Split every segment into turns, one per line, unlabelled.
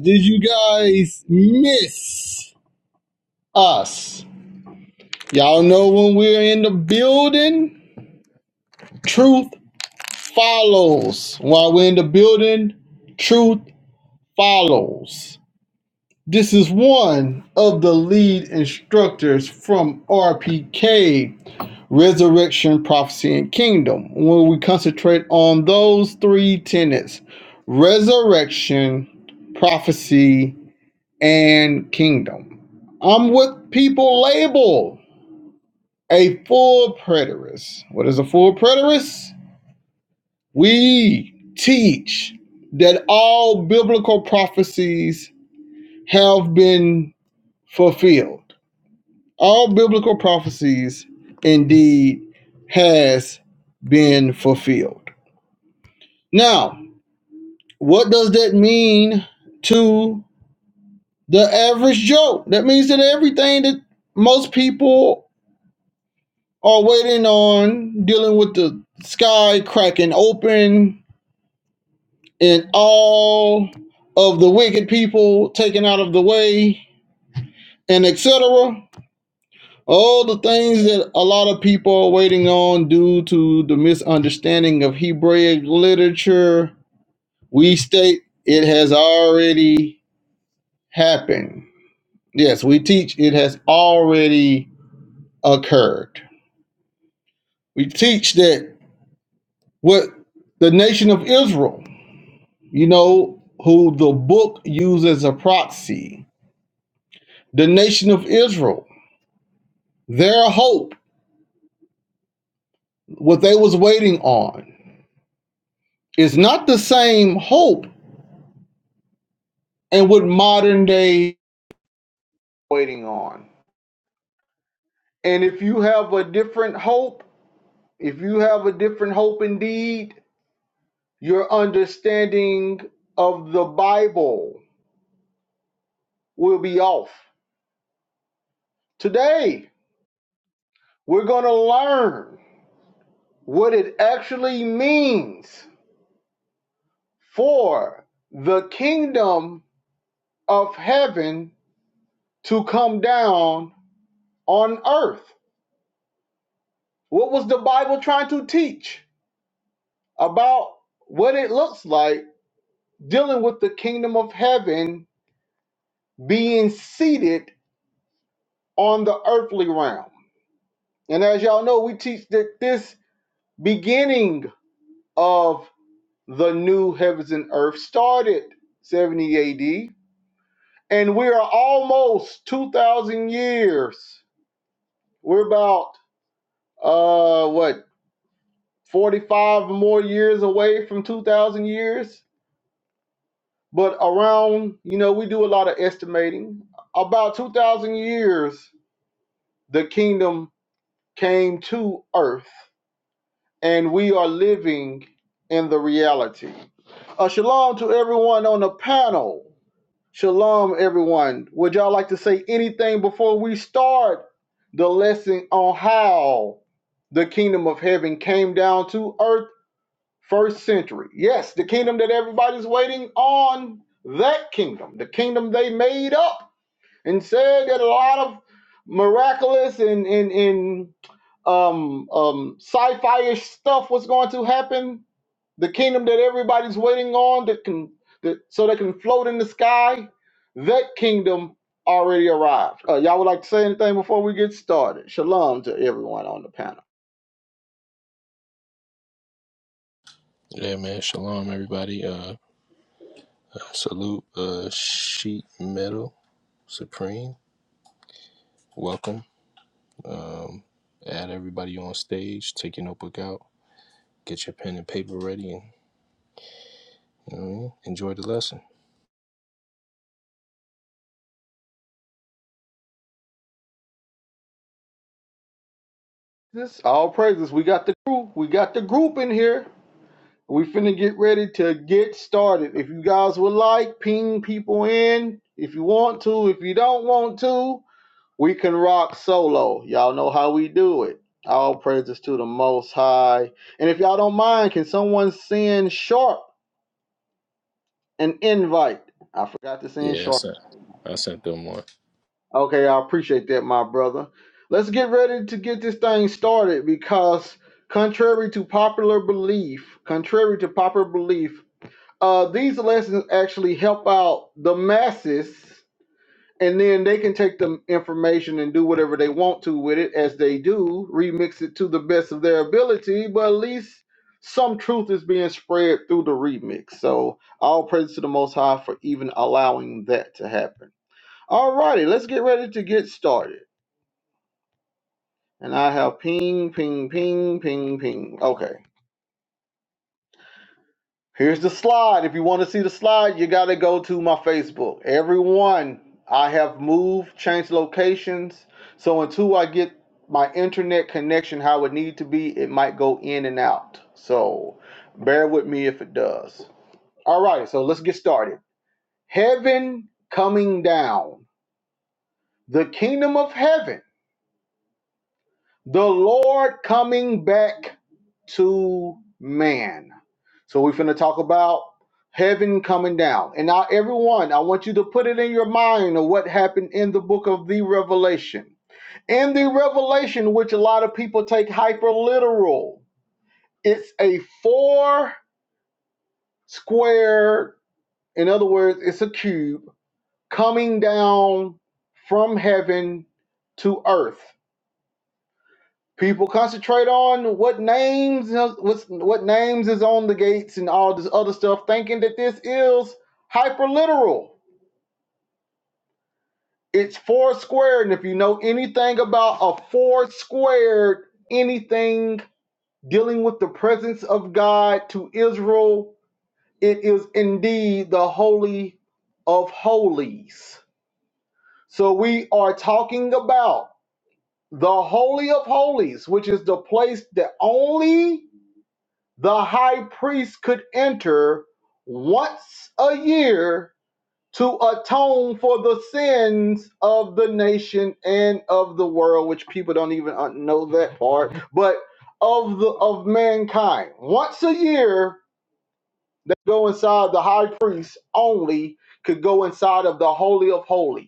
did you guys miss us? Y'all know when we're in the building, truth follows. While we're in the building, truth follows. This is one of the lead instructors from RPK, Resurrection, Prophecy, and Kingdom, where we concentrate on those three tenets resurrection, prophecy, and kingdom. I'm what people label a full preterist. What is a full preterist? We teach that all biblical prophecies have been fulfilled. All biblical prophecies indeed has been fulfilled. Now, what does that mean to the average Joe? That means that everything that most people are waiting on dealing with the sky cracking open and all of the wicked people taken out of the way and etc. All the things that a lot of people are waiting on due to the misunderstanding of Hebraic literature, we state it has already happened. Yes, we teach it has already occurred. We teach that what the nation of Israel you know, who the book uses as a proxy, the nation of Israel, their hope, what they was waiting on, is not the same hope and what modern day waiting on. And if you have a different hope, if you have a different hope indeed, your understanding of the Bible will be off. Today, we're going to learn what it actually means for the kingdom of heaven to come down on earth. What was the Bible trying to teach about what it looks like dealing with the kingdom of heaven being seated on the earthly realm? And as y'all know, we teach that this beginning of the new heavens and earth started 70 AD, and we are almost 2,000 years. We're about uh what 45 more years away from 2000 years but around you know we do a lot of estimating about 2000 years the kingdom came to earth and we are living in the reality uh, shalom to everyone on the panel shalom everyone would y'all like to say anything before we start the lesson on how the kingdom of heaven came down to earth First century. Yes, the kingdom that everybody's waiting on, that kingdom, the kingdom they made up and said that a lot of miraculous and, and, and um, um, sci-fi ish stuff was going to happen. The kingdom that everybody's waiting on that can that so they can float in the sky. That kingdom already arrived. Uh, y'all would like to say anything before we get started? Shalom to everyone on the panel.
Yeah, man. Shalom, everybody. Uh, salute, uh, Sheet Metal Supreme. Welcome. Um, add everybody on stage. Take your notebook out. Get your pen and paper ready, and you know what I mean? enjoy the lesson.
This all praises. We got the crew. We got the group in here. We finna get ready to get started. If you guys would like, ping people in. If you want to, if you don't want to, we can rock solo. Y'all know how we do it. All praises to the Most High. And if y'all don't mind, can someone send Sharp an invite? I forgot to send
Yeah, I
Sharp.
sent. I sent them one.
Okay, I appreciate that, my brother. Let's get ready to get this thing started because, contrary to popular belief, contrary to popular belief, Uh, these lessons actually help out the masses, and then they can take the information and do whatever they want to with it, as they do, remix it to the best of their ability. But at least some truth is being spread through the remix. So all praise to the Most High for even allowing that to happen. Alrighty, let's get ready to get started. And I have ping, ping, ping, ping, ping. Okay. Here's the slide. If you want to see the slide, you got to go to my Facebook. Everyone, I have moved, changed locations. So until I get my internet connection how it would need to be, it might go in and out. So bear with me if it does. All right, so let's get started. Heaven coming down, the kingdom of heaven, the Lord coming back to man. So we're going to talk about heaven coming down. And now, everyone, I want you to put it in your mind of what happened in the book of the Revelation. In the Revelation, which a lot of people take hyper literal, it's a four square, in other words, it's a cube coming down from heaven to earth. People concentrate on what names uh, what's, what names is on the gates and all this other stuff, thinking that this is hyperliteral. It's four squared, and if you know anything about a four squared anything dealing with the presence of God to Israel, it is indeed the holy of holies. So we are talking about the holy of holies, which is the place that only the high priest could enter once a year to atone for the sins of the nation and of the world which people don't even uh, know that part but of the of mankind once a year they go inside the high priest only could go inside of the holy of holies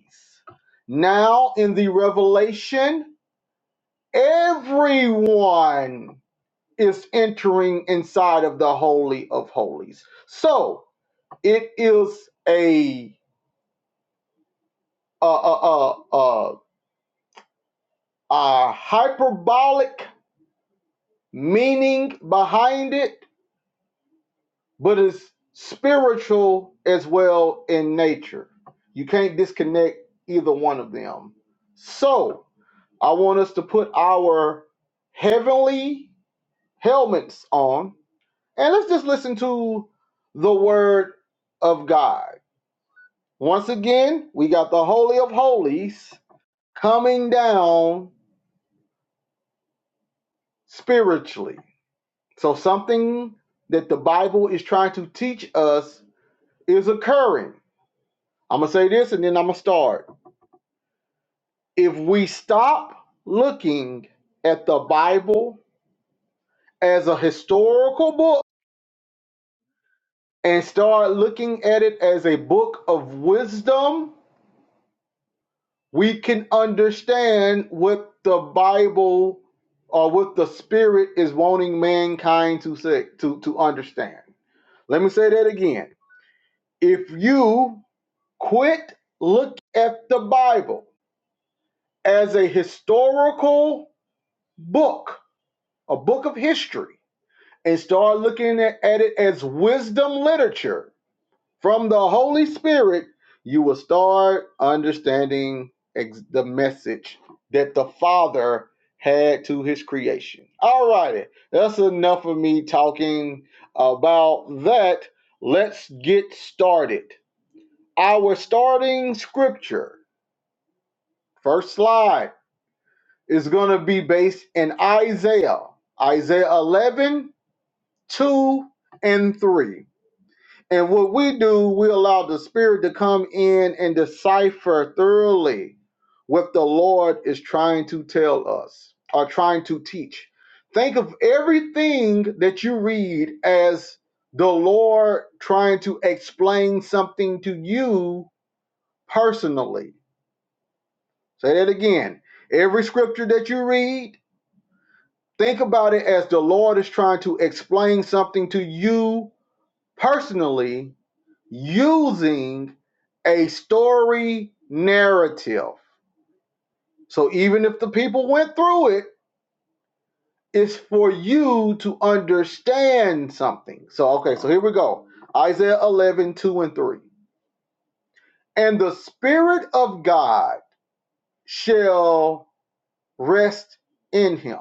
now in the revelation everyone is entering inside of the holy of holies. So it is a a a a, a, hyperbolic meaning behind it, but it's spiritual as well in nature. You can't disconnect either one of them. So I want us to put our heavenly helmets on and let's just listen to the word of God. Once again, we got the Holy of Holies coming down spiritually. So, something that the Bible is trying to teach us is occurring. I'm going to say this and then I'm going to start. If we stop looking at the Bible as a historical book and start looking at it as a book of wisdom, we can understand what the Bible or what the Spirit is wanting mankind to say to, to understand. Let me say that again. If you quit look at the Bible as a historical book, a book of history, and start looking at, at it as wisdom literature, From the Holy Spirit, you will start understanding ex- the message that the Father had to his creation. All righty, that's enough of me talking about that. Let's get started. Our starting scripture, first slide, is going to be based in Isaiah, Isaiah 11, 2, and 3. And what we do, we allow the Spirit to come in and decipher thoroughly what the Lord is trying to tell us or trying to teach. Think of everything that you read as the Lord trying to explain something to you personally. Say that again. Every scripture that you read, think about it as the Lord is trying to explain something to you personally using a story narrative. So even if the people went through it, it's for you to understand something. So, okay, so here we go Isaiah 11 2 and 3. And the Spirit of God shall rest in him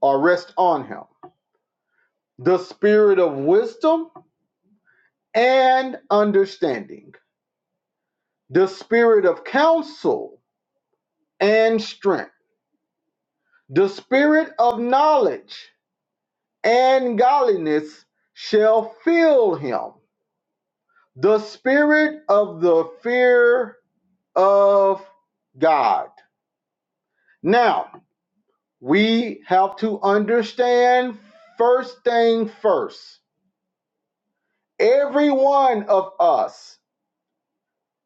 or rest on him the Spirit of wisdom and understanding, the Spirit of counsel and strength The spirit of knowledge and godliness shall fill him. The spirit of the fear of God. Now, we have to understand first thing first. Every one of us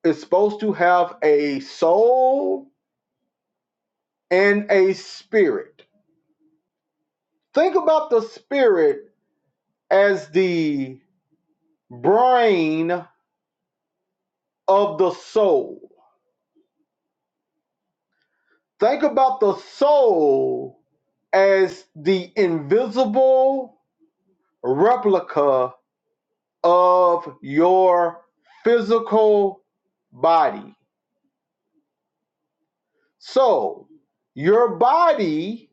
is supposed to have a soul and a spirit. Think about the spirit as the brain of the soul Think about the soul as the invisible replica of your physical body. So, your body,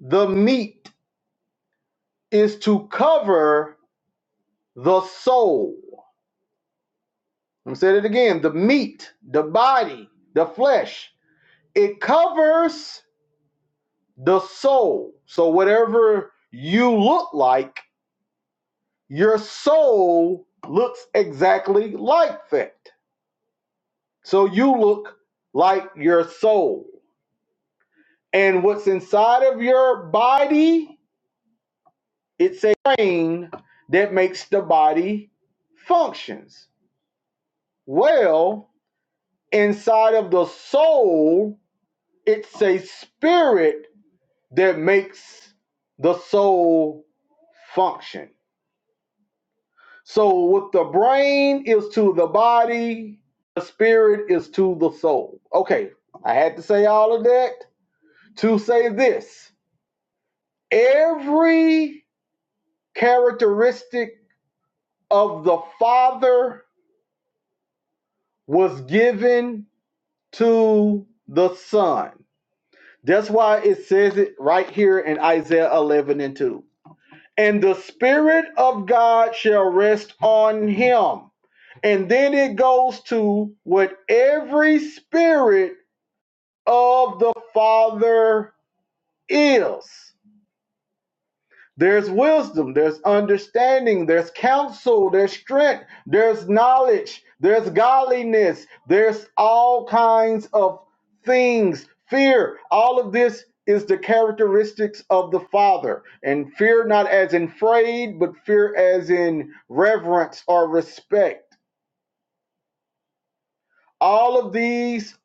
the meat, is to cover the soul. I'm gonna say it again the meat, the body, the flesh, it covers the soul. So, whatever you look like Your soul looks exactly like that. So you look like your soul. And what's inside of your body, it's a brain that makes the body functions. Well, inside of the soul, it's a spirit that makes the soul function. So what the brain is to the body, the spirit is to the soul. Okay, I had to say all of that to say this. Every characteristic of the Father was given to the Son. That's why it says it right here in Isaiah 11 and 2 and the spirit of God shall rest on him. And then it goes to what every spirit of the Father is. There's wisdom, there's understanding, there's counsel, there's strength, there's knowledge, there's godliness, there's all kinds of things. Fear, all of this is the characteristics of the Father. And fear not as in afraid, but fear as in reverence or respect. All of these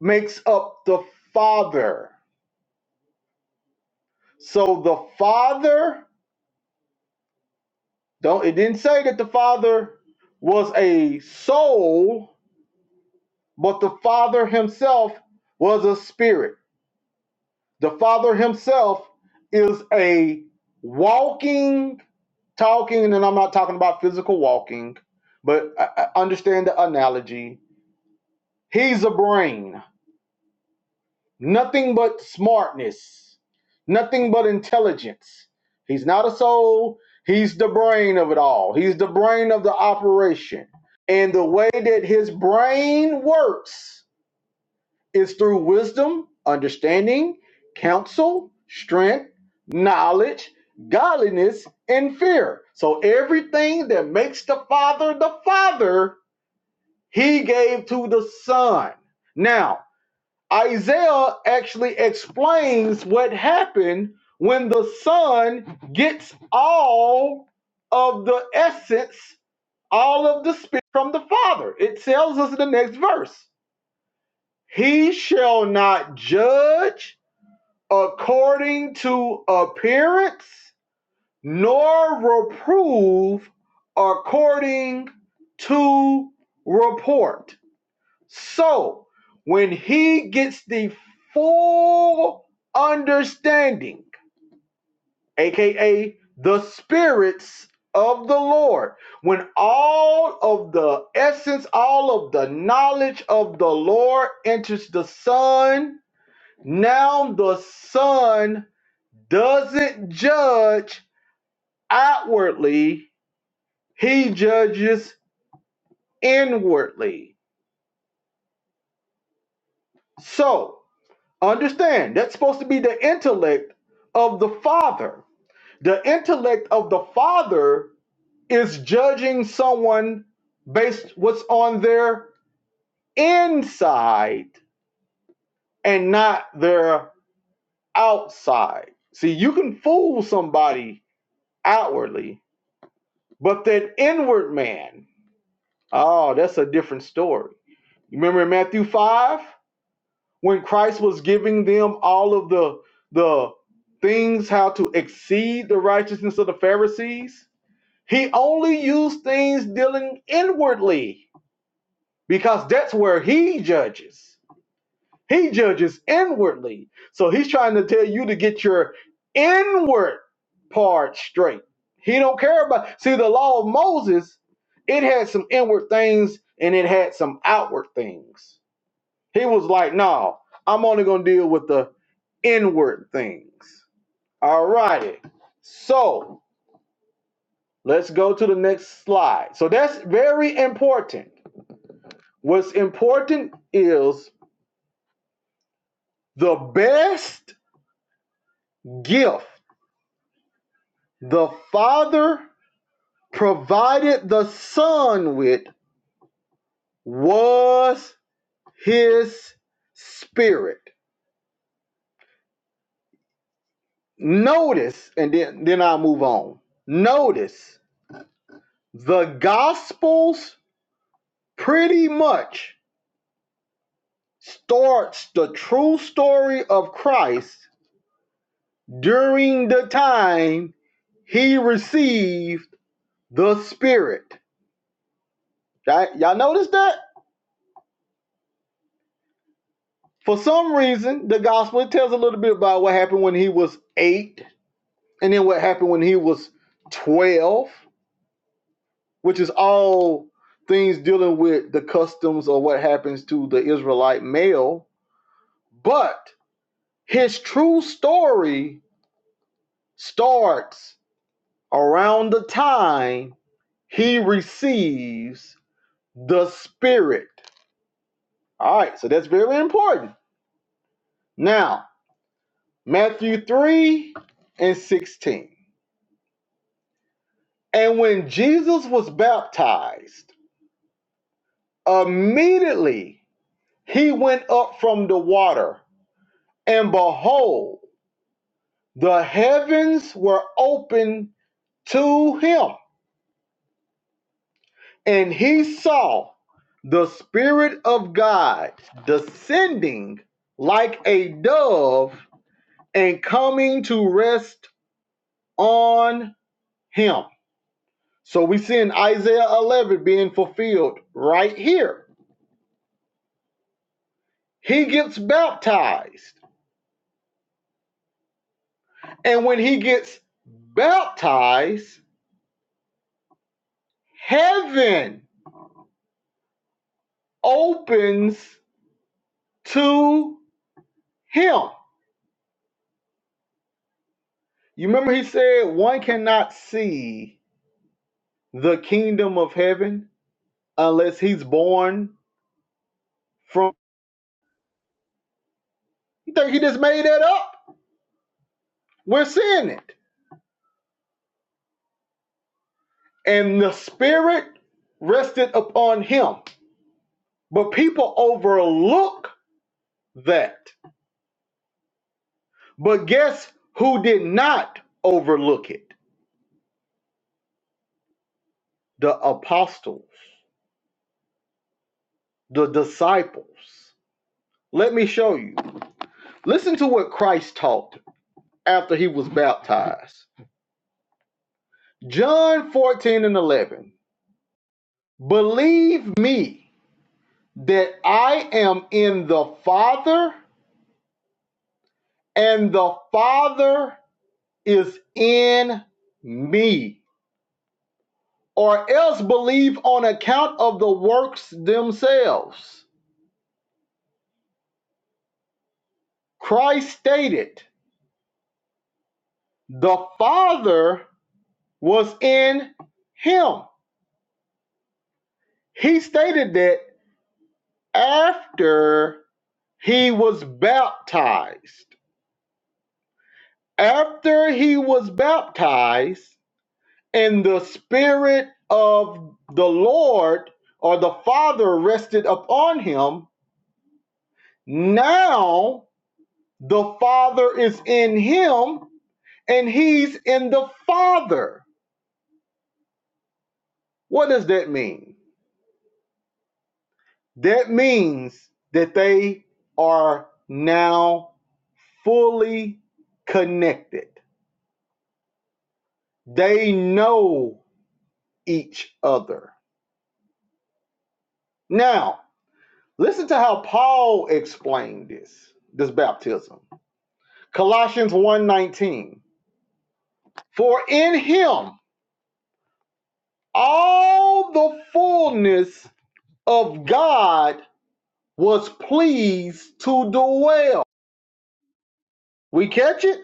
makes up the Father. So the Father Don't it didn't say that the Father was a soul, but the Father himself was a spirit. The Father himself is a walking, talking, and I'm not talking about physical walking, but I, I understand the analogy. He's a brain. Nothing but smartness, nothing but intelligence. He's not a soul, he's the brain of it all. He's the brain of the operation. And the way that his brain works is through wisdom, understanding, counsel, strength, knowledge, godliness, and fear. So everything that makes the Father the Father, he gave to the Son. Now, Isaiah actually explains what happened when the Son gets all of the essence, all of the Spirit from the Father. It tells us in the next verse He shall not judge according to appearance, nor reprove according to report. So when he gets the full understanding, aka the spirits of the Lord, when all of the essence, all of the knowledge of the Lord enters the Son, now the Son doesn't judge outwardly, he judges inwardly. So, Understand, that's supposed to be the intellect of the father. The intellect of the father is judging someone based what's on their inside and not their outside. See, you can fool somebody outwardly, but that inward man, oh, that's a different story. You remember in Matthew 5? when Christ was giving them all of the the things how to exceed the righteousness of the Pharisees, he only used things dealing inwardly because that's where he judges. He judges inwardly. So he's trying to tell you to get your inward part straight. He don't care about see the law of Moses, it had some inward things and it had some outward things he was like, no, I'm only going to deal with the inward things. All righty. So let's go to the next slide. So that's very important. What's important is the best gift the Father provided the Son with was His Spirit. Notice, and then, then I'll move on. Notice the Gospels pretty much starts the true story of Christ during the time he received the Spirit. Right? Y'all notice that? For some reason, the gospel it tells a little bit about what happened when he was eight, and then what happened when he was twelve, which is all things dealing with the customs or what happens to the Israelite male. But his true story starts around the time he receives the Spirit. All right, so that's very important. Now, Matthew 3 and 16. And when Jesus was baptized, immediately he went up from the water, and behold, the heavens were opened to him. And he saw the Spirit of God descending like a dove and coming to rest on him. So we see in Isaiah 11 being fulfilled right here. He gets baptized. And when he gets baptized, heaven opens to him. You remember he said, one cannot see the kingdom of heaven unless he's born from. You think he just made that up? We're seeing it. And the Spirit rested upon him. But people overlook that. But guess who did not overlook it? The apostles, the disciples. Let me show you. Listen to what Christ taught after he was baptized. John 14 and 11. Believe me that I am in the Father and the Father is in me, or else believe on account of the works themselves. Christ stated, The Father was in him. He stated that after he was baptized. After he was baptized, And the Spirit of the Lord or the Father rested upon him. Now the Father is in him and he's in the Father. What does that mean? That means that they are now fully connected, they know each other. Now, listen to how Paul explained this, this baptism. Colossians one nineteen. For in him all the fullness of God was pleased to dwell. We catch it?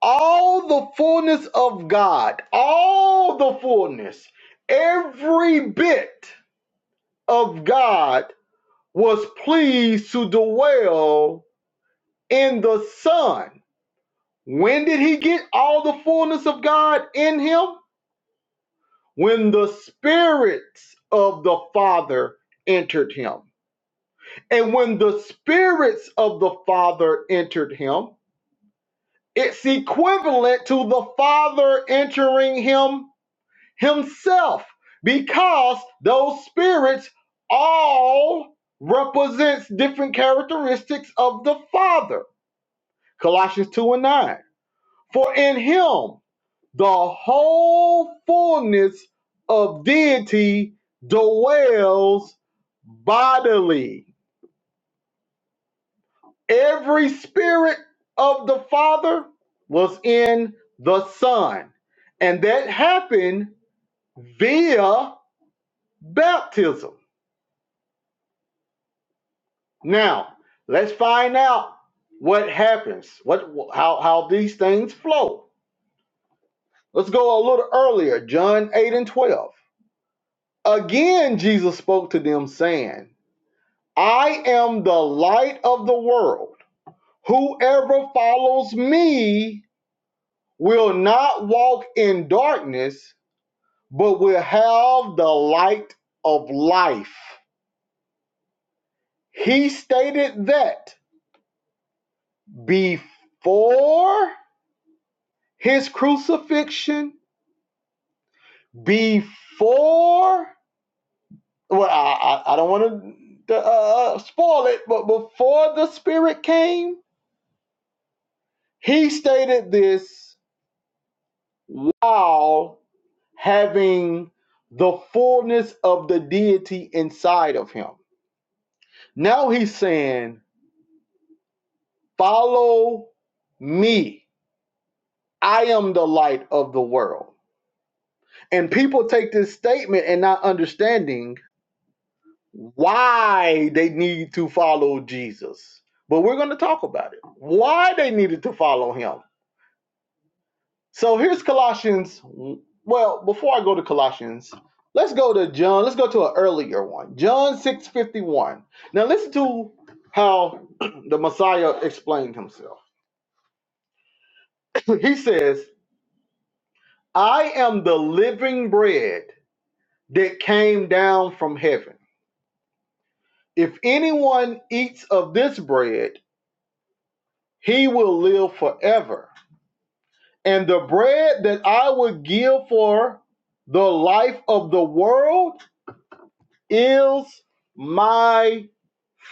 All the fullness of God, all the fullness, every bit of God was pleased to dwell in the Son. When did he get all the fullness of God in him? when the spirits of the father entered him. And when the spirits of the father entered him, it's equivalent to the father entering him himself because those spirits all represents different characteristics of the father. Colossians 2 and 9. For in him the whole fullness of deity dwells bodily. Every spirit of the Father was in the Son, and that happened via baptism. Now, let's find out what happens, what how how these things flow. Let's go a little earlier, John 8 and 12. Again, Jesus spoke to them, saying, I am the light of the world. Whoever follows me will not walk in darkness, but will have the light of life. He stated that before his crucifixion, before, well, I, I, I don't want to uh, spoil it, but before the Spirit came, he stated this while having the fullness of the deity inside of him. Now he's saying, Follow me. I am the light of the world. And people take this statement and not understanding why they need to follow Jesus. But we're going to talk about it. Why they needed to follow him. So here's Colossians. Well, before I go to Colossians, let's go to John. Let's go to an earlier one. John 6:51. Now listen to how the Messiah explained himself. he says, "I am the living bread that came down from heaven. If anyone eats of this bread, he will live forever. And the bread that I will give for the life of the world is my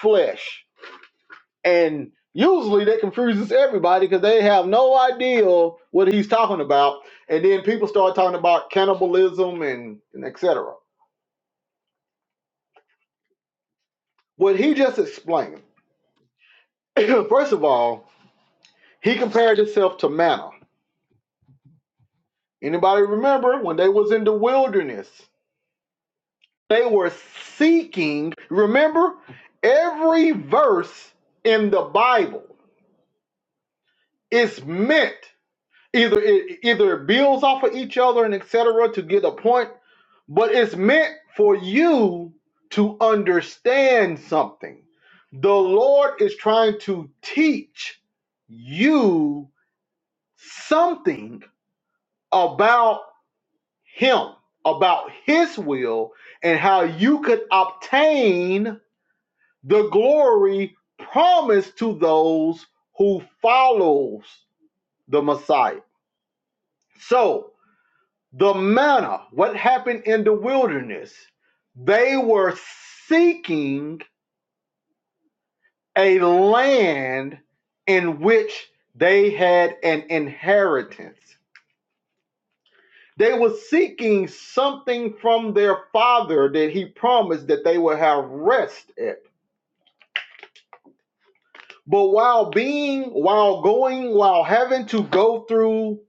flesh. And usually that confuses everybody because they have no idea what he's talking about. And then people start talking about cannibalism and, and et cetera. What he just explained, first of all, he compared himself to manna. Anybody remember when they was in the wilderness? They were seeking, remember, every verse in the Bible is meant either it either it builds off of each other and etc to get a point but it's meant for you to understand something the lord is trying to teach you something about him about his will and how you could obtain the glory promised to those who follows the messiah so The manna, what happened in the wilderness? They were seeking a land in which they had an inheritance. They were seeking something from their father that he promised that they would have rest at. But while being, while going, while having to go through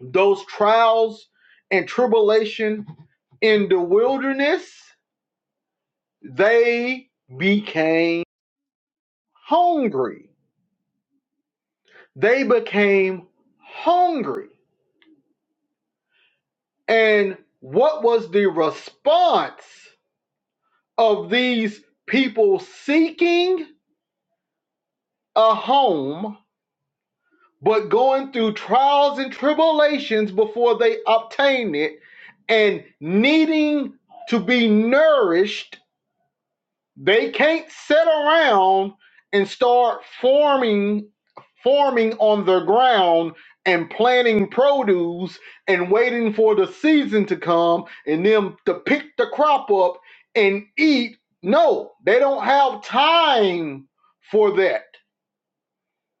those trials and tribulation in the wilderness, they became hungry. They became hungry. And what was the response of these people seeking a home, but going through trials and tribulations before they obtain it and needing to be nourished They can't sit around and start forming forming on the ground and planting produce and waiting for the season to come and them to pick the crop up and eat. No, they don't have time for that.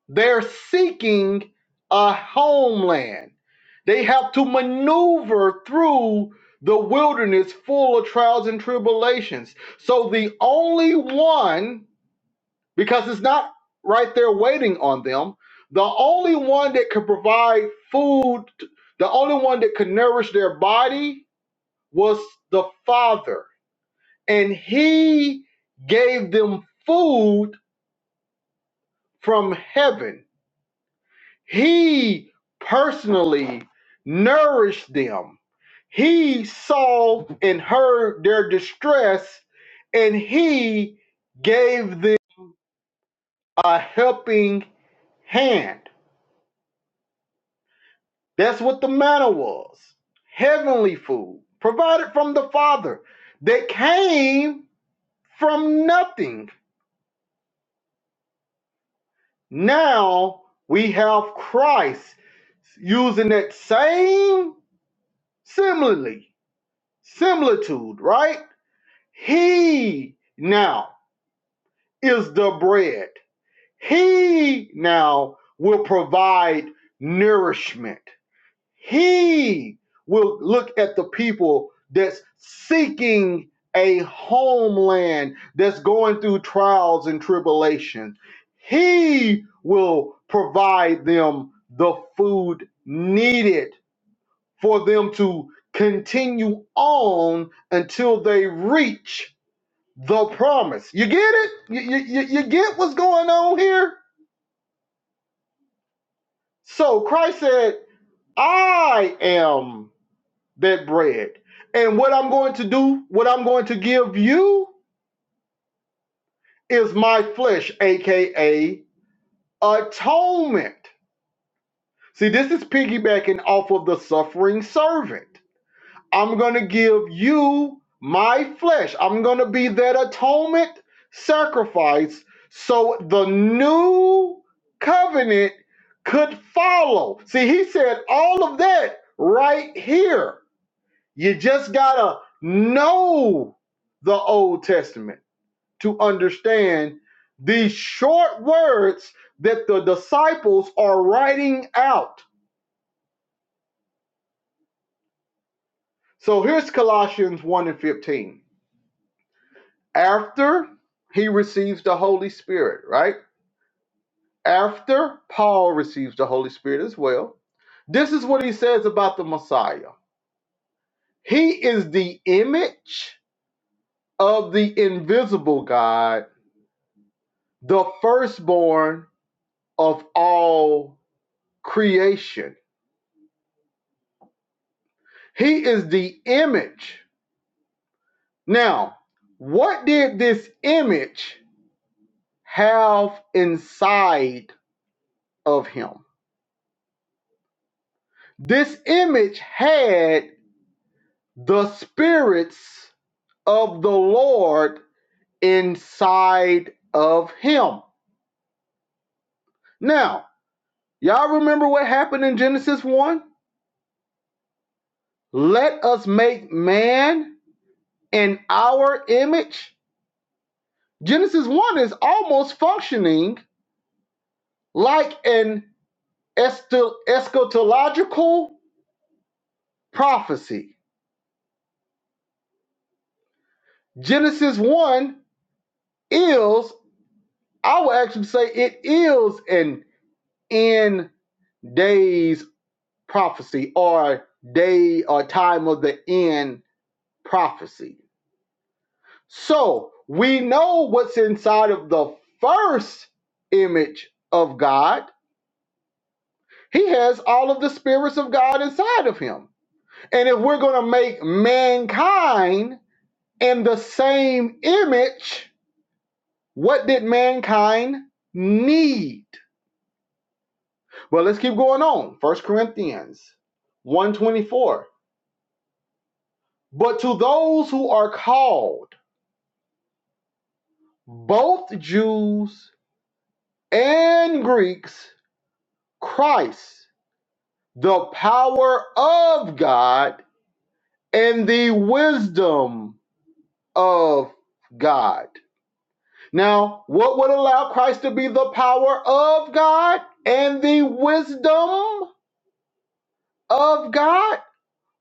They're seeking a homeland. They have to maneuver through the wilderness full of trials and tribulations. So the only one, because it's not right there waiting on them, the only one that could provide food, the only one that could nourish their body was the Father. And He gave them food from heaven He personally nourished them. He saw and heard their distress, and he gave them a helping hand. That's what the manna was heavenly food provided from the Father that came from nothing. Now we have Christ using that same simile, similitude, right? He now is the bread. He now will provide nourishment. He will look at the people that's seeking a homeland that's going through trials and tribulations. He will provide them the food needed for them to continue on until they reach the promise. You get it? You, you, you get what's going on here? So Christ said, I am that bread. And what I'm going to do, what I'm going to give you is my flesh, aka atonement. See, this is piggybacking off of the suffering servant. I'm going to give you my flesh. I'm going to be that atonement sacrifice so the new covenant could follow. See, he said all of that right here. You just got to know the Old Testament to understand these short words that the disciples are writing out. So here's Colossians 1 and 15. After he receives the Holy Spirit, right? After Paul receives the Holy Spirit as well. This is what he says about the Messiah. He is the image of the invisible God, the firstborn of all creation. He is the image. Now, what did this image have inside of him? This image had the spirits of the Lord inside of him. Now, y'all remember what happened in Genesis 1? Let us make man in our image. Genesis 1 is almost functioning like an eschatological prophecy. Genesis 1 is, I would actually say, it is an end days prophecy or day or time of the end prophecy. So we know what's inside of the first image of God. He has all of the spirits of God inside of him. And if we're going to make mankind in the same image, what did mankind need? Well, let's keep going on. First Corinthians 124. But to those who are called, both Jews and Greeks, Christ, the power of God and the wisdom of God. Now, what would allow Christ to be the power of God and the wisdom of God?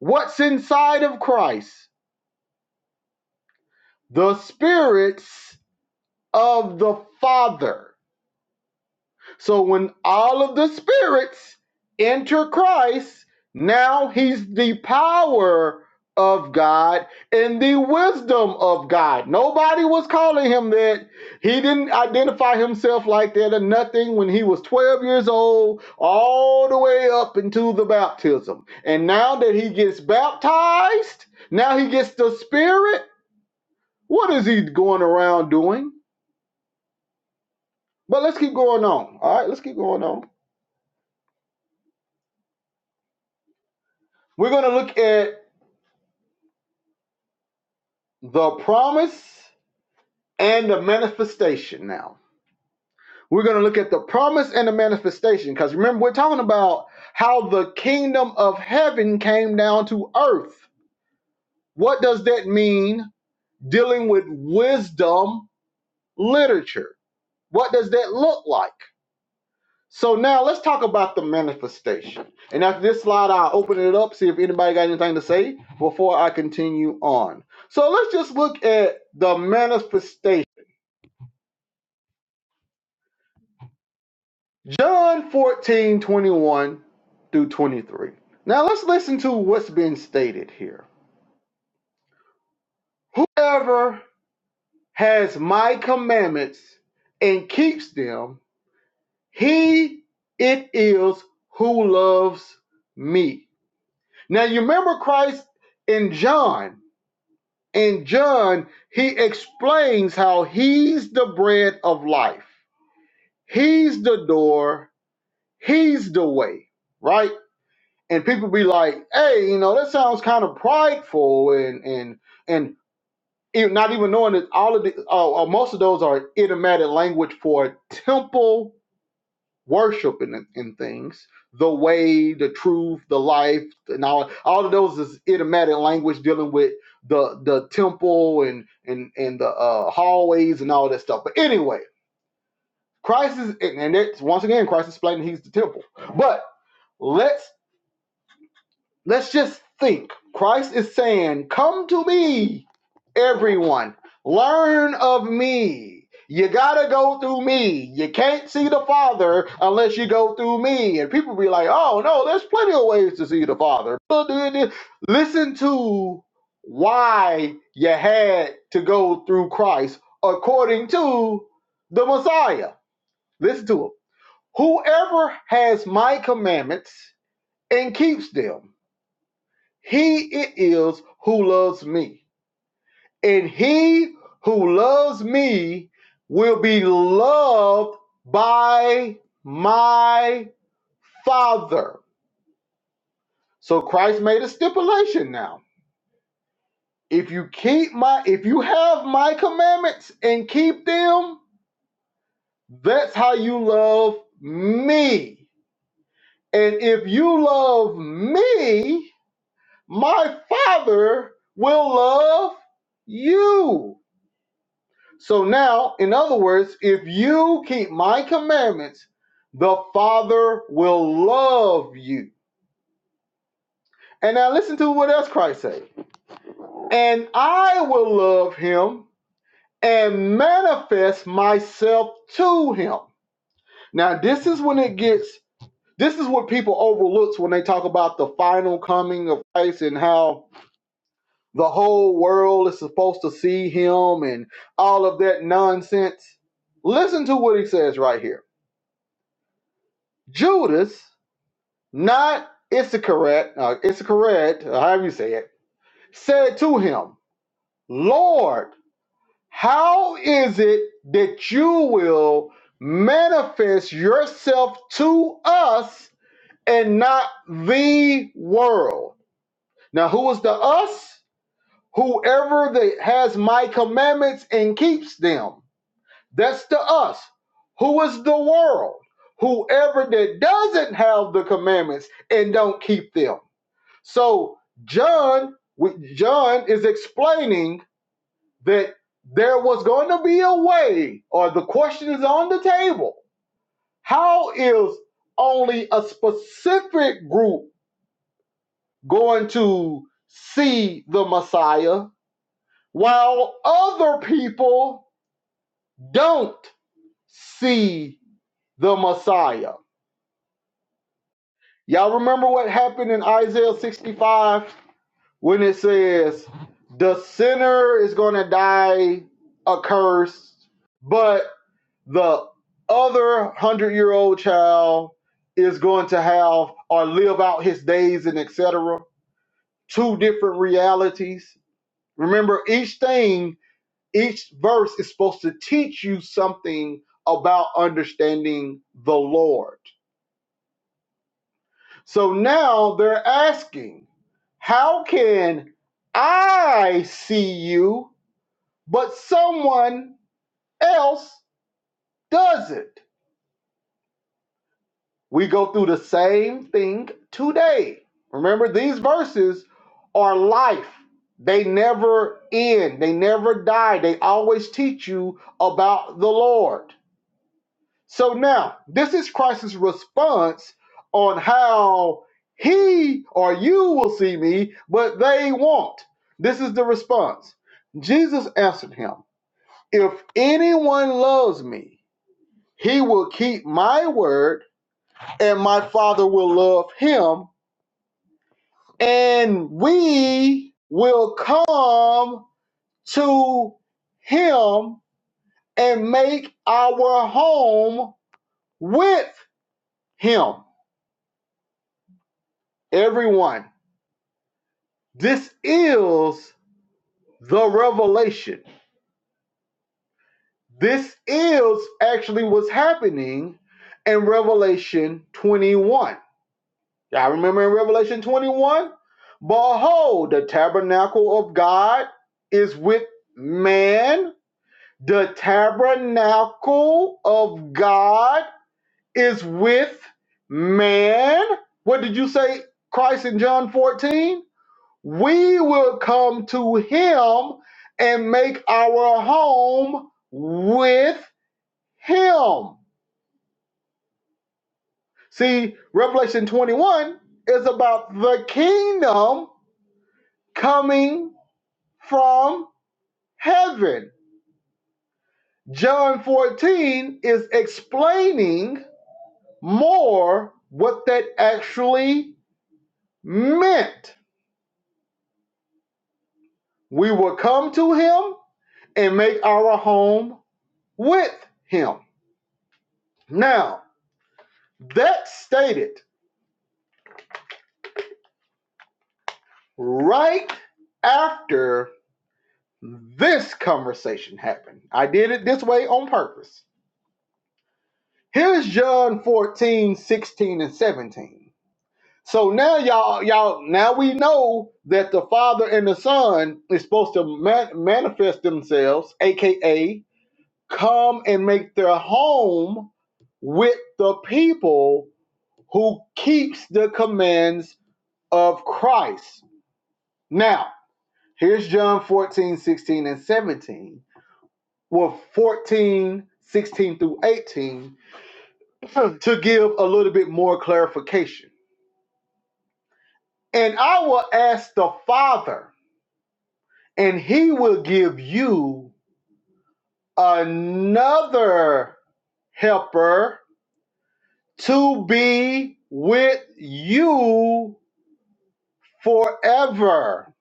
What's inside of Christ? The spirits of the Father So when all of the spirits enter Christ, now he's the power of God and the wisdom of God. Nobody was calling him that. He didn't identify himself like that or nothing when he was 12 years old, all the way up into the baptism. And now that he gets baptized, now he gets the spirit. What is he going around doing? But let's keep going on. All right, let's keep going on. We're going to look at the promise and the manifestation now we're going to look at the promise and the manifestation because remember we're talking about how the kingdom of heaven came down to earth what does that mean dealing with wisdom literature what does that look like so now let's talk about the manifestation and after this slide i'll open it up see if anybody got anything to say before i continue on so let's just look at the manifestation John 14 21 through 23. Now let's listen to what's been stated here. Whoever has my commandments and keeps them, he it is who loves me. Now you remember Christ in John. In John, he explains how he's the bread of life, he's the door, he's the way, right? and people be like, "Hey, you know, that sounds kind of prideful," and and and it, not even knowing that all of the uh, uh, most of those are idiomatic language for temple worship and, and things. The way, the truth, the life, and all all of those is idiomatic language dealing with the the temple and and and the uh, hallways and all that stuff. But anyway, Christ is, and and it's once again Christ is explaining He's the temple. But let's Let's just think. Christ is saying, Come to me, everyone. Learn of me. You gotta go through me. You can't see the Father unless you go through me. And people be like, oh no, there's plenty of ways to see the Father. Listen to why you had to go through Christ according to the Messiah. Listen to him. Whoever has my commandments and keeps them he it is who loves me. And he who loves me will be loved by my Father. So Christ made a stipulation now. If you keep my if you have my commandments and keep them, that's how you love me. And if you love me, my Father will love you So now, in other words, if you keep my commandments, the Father will love you. And now listen to what else Christ said. And I will love him and manifest myself to him. Now this is when it gets this is what people overlooks when they talk about the final coming of Christ and how the whole world is supposed to see him and all of that nonsense. Listen to what he says right here. Judas not Issachar, uh, Issachar, uh, however you say it, said to him, Lord, how is it that you will manifest yourself to us and not the world? Now, who is the us? Whoever that has my commandments and keeps them. That's the us. Who is the world? Whoever that doesn't have the commandments and don't keep them. So John, we- John is explaining that there was going to be a way, or the question is on the table. How is only a specific group going to see the Messiah while other people don't see the Messiah? Y'all remember what happened in Isaiah 65 when it says the sinner is going to die accursed, but the other hundred year old child is going to have or live out his days and etc. Two different realities. Remember, each thing, each verse is supposed to teach you something about understanding the Lord. So now they're asking, how can I see you? but someone else does it. We go through the same thing today. Remember, these verses are life. They never end, they never die. They always teach you about the Lord. So now, this is Christ's response on how he or you will see me, but they won't. This is the response. Jesus answered him, If anyone loves me, He will keep my word, and my Father will love him, and we will come to him and make our home with him. Everyone, this is the revelation. This is actually what's happening in Revelation 21. Y'all remember in Revelation 21? Behold, the tabernacle of God is with man. The tabernacle of God is with man. What did you say, Christ in John 14? We will come to him and make our home with him. See, Revelation 21 is about the kingdom coming from heaven. John 14 is explaining more what that actually meant. We will come to him and make our home with him. Now, that stated right after this conversation happened. I did it this way on purpose. Here's John 14, 16, and 17. So now y'all, y'all, now we know that the Father and the Son is supposed to ma- manifest themselves, aka come and make their home with the people who keeps the commands of Christ. Now, here's John 14, 16, and 17. Well, 14, 16 through 18, to give a little bit more clarification. And I will ask the Father and he will give you another helper to be with you forever.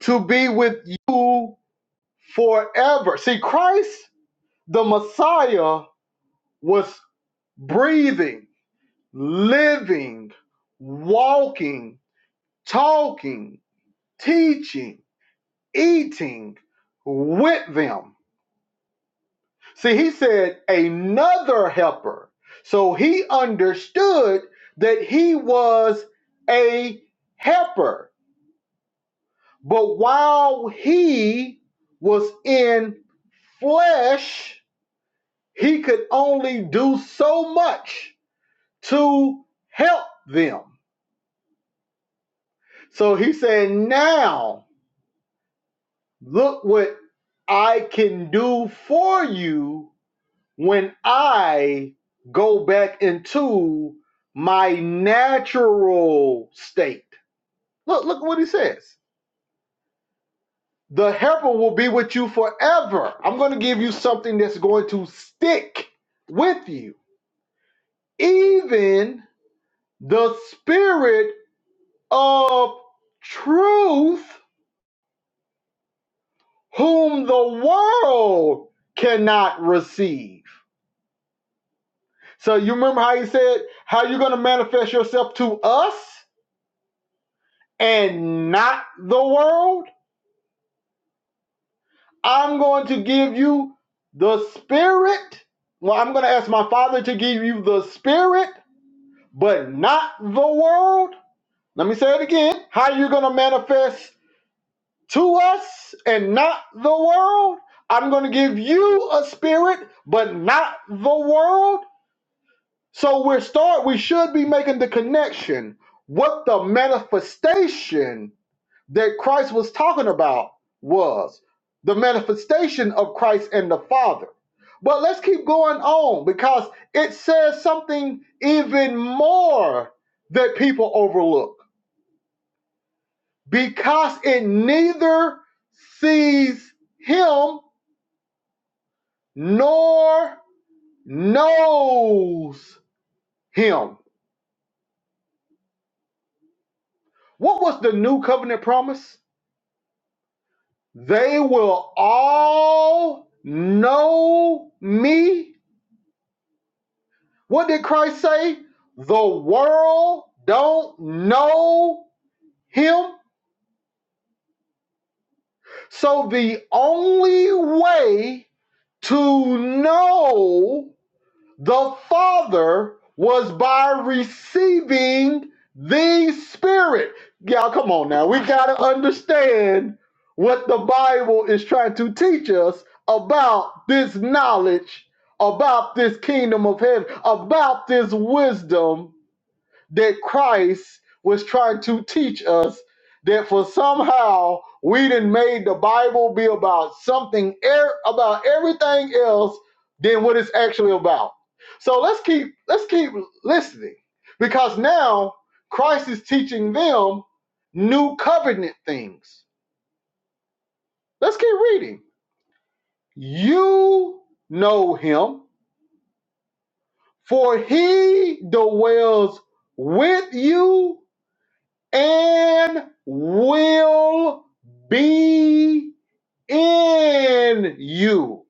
To be with you forever. See, Christ, the Messiah, was breathing, living, walking, talking, teaching, eating with them. See, he said another helper. So he understood that he was a helper. But while he was in flesh, he could only do so much to help them. So he said, Now look what I can do for you when I go back into my natural state. Look, look what he says. The helper will be with you forever. I'm going to give you something that's going to stick with you. Even the spirit of truth, whom the world cannot receive. So you remember how he said, how you're going to manifest yourself to us? and not the world, I'm going to give you the spirit. Well, I'm going to ask my father to give you the spirit, but not the world. Let me say it again. How are you going to manifest to us and not the world? I'm going to give you a spirit, but not the world. So we're start we should be making the connection. What the manifestation that Christ was talking about was the manifestation of Christ and the Father. But let's keep going on because it says something even more that people overlook because it neither sees him nor knows him. What was the new covenant promise? They will all know me What did Christ say? The world don't know him. So the only way to know the Father was by receiving the Spirit. Y'all, come on now. We got to understand what the Bible is trying to teach us about this knowledge, about this kingdom of heaven, about this wisdom that Christ was trying to teach us that for somehow we did made the Bible be about something er, about everything else than what it's actually about. So let's keep let's keep listening because now Christ is teaching them new covenant things. Let's keep reading. You know him, for he dwells with you and will be in you.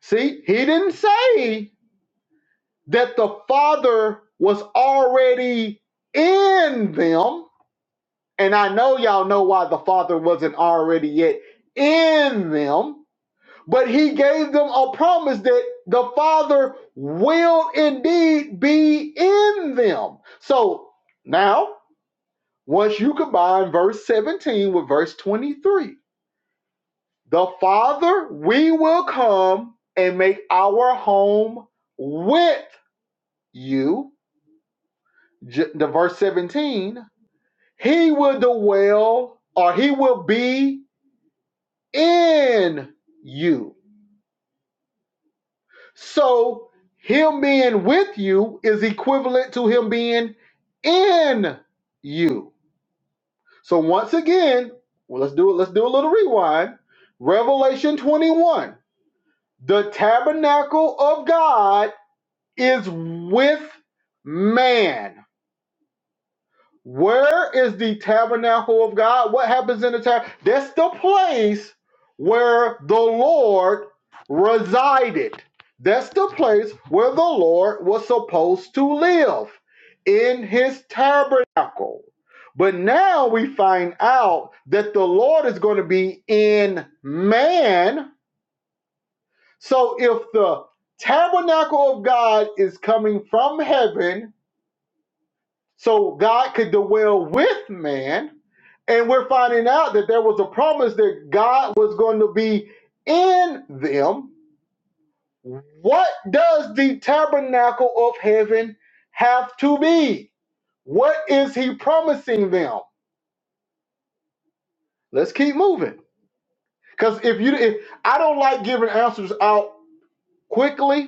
See, he didn't say that the Father was already in them. And I know y'all know why the Father wasn't already yet in them, but he gave them a promise that the Father will indeed be in them. So now Once you combine verse 17 with verse 23, the Father, we will come and make our home with you. the verse 17, He will dwell or He will be in you. So, Him being with you is equivalent to Him being in you. So, once again, well, let's do it. Let's do a little rewind. Revelation 21. The tabernacle of God is with man. Where is the tabernacle of God? What happens in the tabernacle? That's the place where the Lord resided. That's the place where the Lord was supposed to live in his tabernacle. But now we find out that the Lord is going to be in man So if the tabernacle of God is coming from heaven, so God could dwell with man, and we're finding out that there was a promise that God was going to be in them, what does the tabernacle of heaven have to be? What is he promising them? Let's keep moving. Because if you if I don't like giving answers out quickly,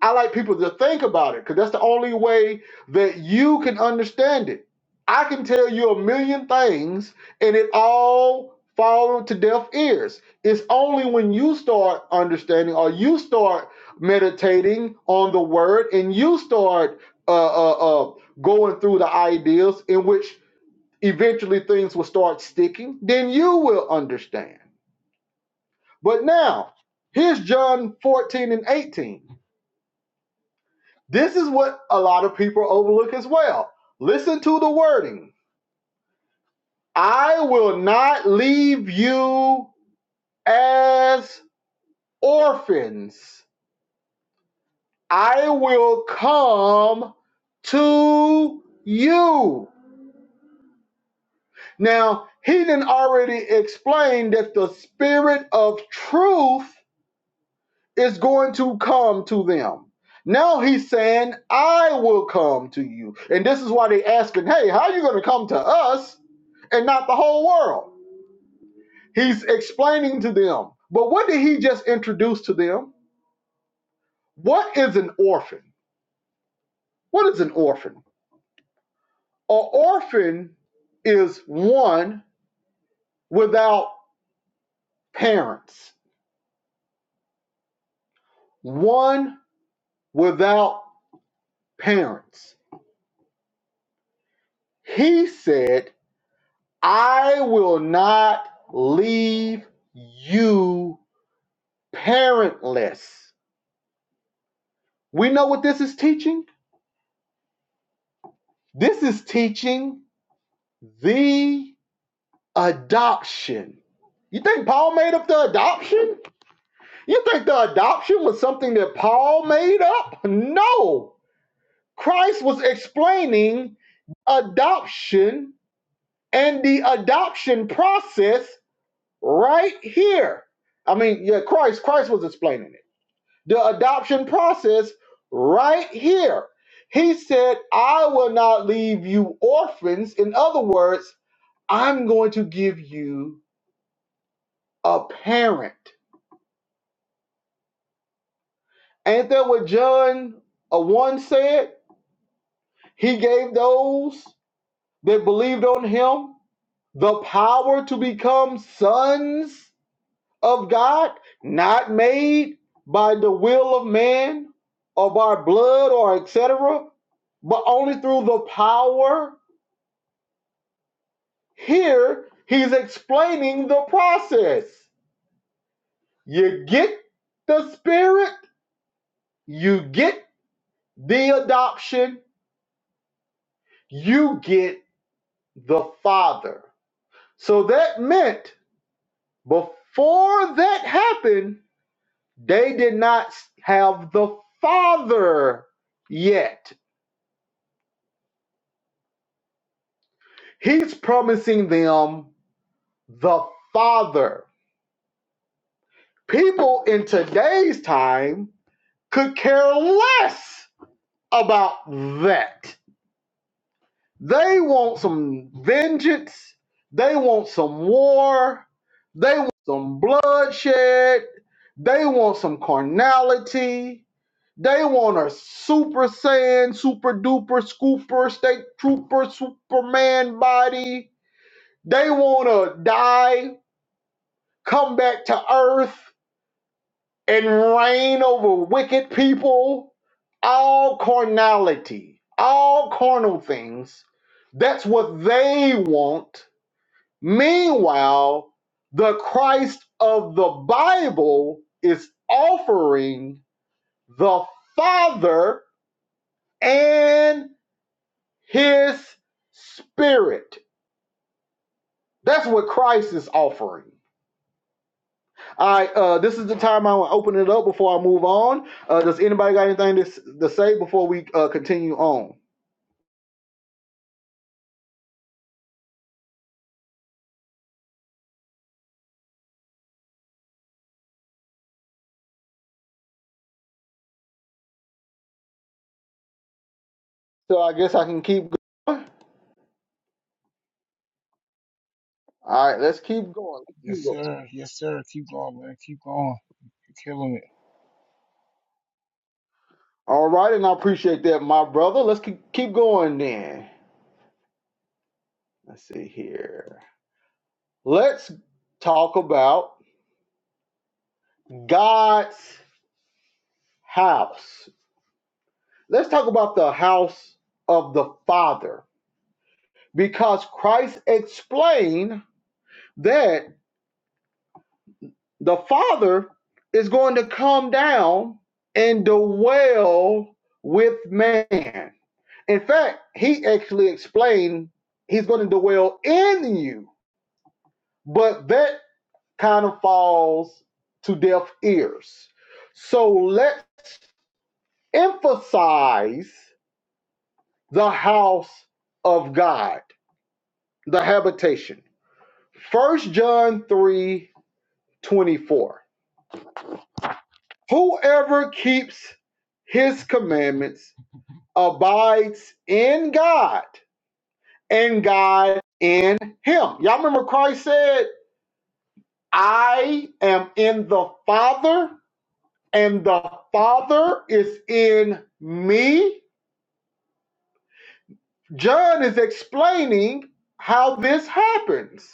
I like people to think about it because that's the only way that you can understand it. I can tell you a million things and it all fall to deaf ears. It's only when you start understanding or you start meditating on the word and you start uh, uh, uh, going through the ideas in which eventually things will start sticking, then you will understand. But now, here's John 14 and 18. This is what a lot of people overlook as well. Listen to the wording I will not leave you as orphans, I will come to you. Now, he didn't already explain that the spirit of truth is going to come to them. Now he's saying, I will come to you. And this is why they asking, hey, how are you going to come to us and not the whole world? He's explaining to them. But what did he just introduce to them? What is an orphan? What is an orphan? An orphan is one without parents. One without parents. He said I will not leave you parentless. We know what this is teaching. This is teaching the adoption. You think Paul made up the adoption? You think the adoption was something that Paul made up? No. Christ was explaining adoption and the adoption process right here. I mean, yeah, Christ, Christ was explaining it. the adoption process right here. He said, I will not leave you orphans. In other words, I'm going to give you a parent. Ain't that what John uh, 1 said? He gave those that believed on him the power to become sons of God, not made by the will of man or by blood or et cetera, but only through the power Here, he's explaining the process. You get the Spirit, you get the adoption, you get the Father. So that meant before that happened, they did not have the Father yet. He's promising them the Father. People in today's time could care less about that They want some vengeance. They want some war. They want some bloodshed. They want some carnality. They want a super saiyan, super duper, scooper, state trooper, superman body. They want to die, come back to earth, and reign over wicked people. All carnality, all carnal things. That's what they want Meanwhile, the Christ of the Bible is offering the Father and His Spirit. That's what Christ is offering. All right, uh, this is the time I want to open it up before I move on. Uh, does anybody got anything to, to say before we uh, continue on? So I guess I can keep going. All right, let's keep going. Let's keep going. All right, and I appreciate that, my brother. Let's keep, keep going then. Let's see here. Let's talk about God's house. Let's talk about the house of the Father because Christ explained that the Father is going to come down and dwell with man. In fact, he actually explained he's going to dwell in you, but that kind of falls to deaf ears. So let's emphasize the house of God, the habitation. First John 3 24. Whoever keeps his commandments abides in God, and God in him. Y'all remember Christ said, I am in the Father, and the Father is in me. John is explaining how this happens.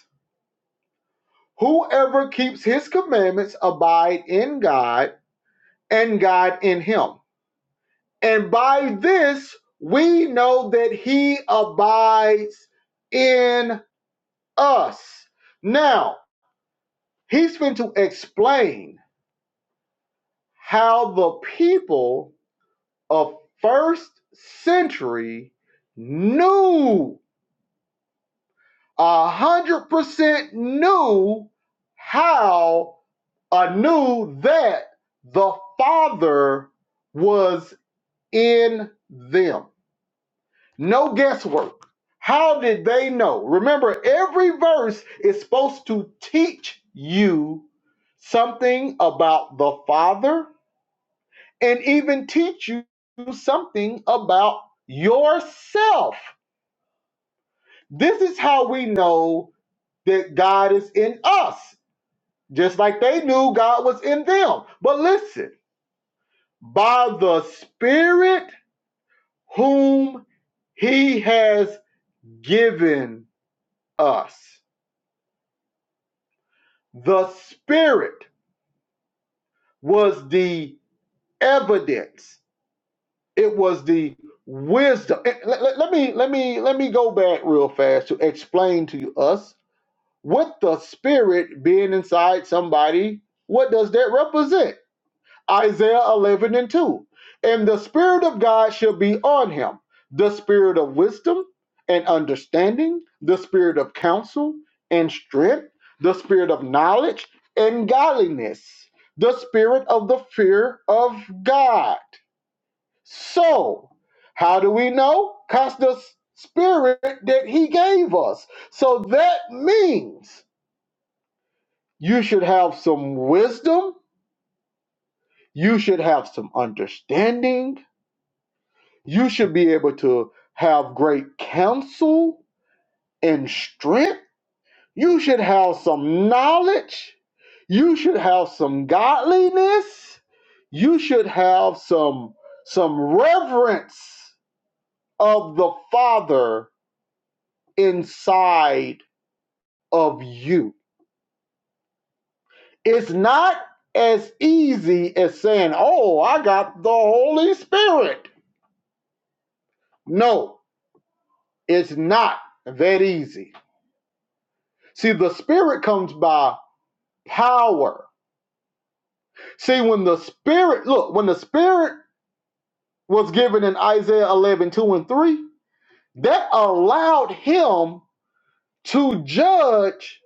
Whoever keeps his commandments abide in God, and God in him. And by this we know that he abides in us. Now, he's going to explain how the people of first century knew a hundred percent knew how I knew that the Father was in them. No guesswork. How did they know? Remember, every verse is supposed to teach you something about the Father and even teach you something about yourself. This is how we know that God is in us just like they knew God was in them. But listen, by the Spirit whom He has given us, the Spirit was the evidence. It was the wisdom. Eh, Let, let- let me let me let me go back real fast to explain to us with the Spirit being inside somebody. What does that represent? Isaiah 11 and 2. And the Spirit of God shall be on him the Spirit of wisdom and understanding, the Spirit of counsel and strength, the Spirit of knowledge and godliness, the Spirit of the fear of God. So, how do we know? Because the Spirit that He gave us. So that means you should have some wisdom, you should have some understanding You should be able to have great counsel and strength. You should have some knowledge. You should have some godliness. You should have some some reverence of the Father inside of you. It's not as easy as saying, "Oh, I got the Holy Spirit." No, it's not that easy. See, the Spirit comes by power. See, when the Spirit, look, when the Spirit was given in Isaiah 11 2 and 3, that allowed him to judge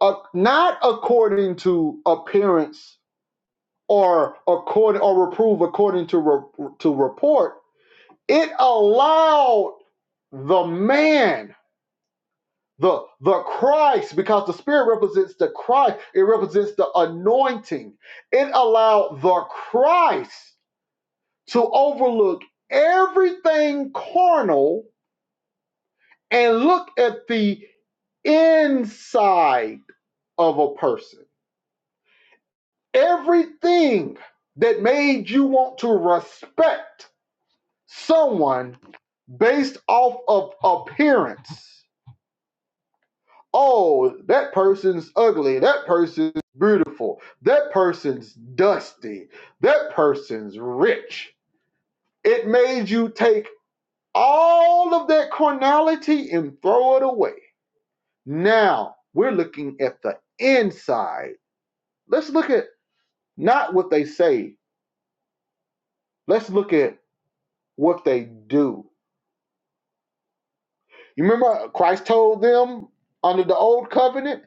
uh, not according to appearance or according or reprove according to re- to report. It allowed the man, the the Christ, because the Spirit represents the Christ. It represents the anointing. It allowed the Christ to overlook everything carnal and look at the inside of a person. Everything that made you want to respect someone based off of appearance. Oh, that person's ugly. That person's beautiful. That person's dusty. That person's rich. It made you take all of that carnality and throw it away. Now we're looking at the inside. Let's look at not what they say, let's look at what they do. You remember Christ told them under the old covenant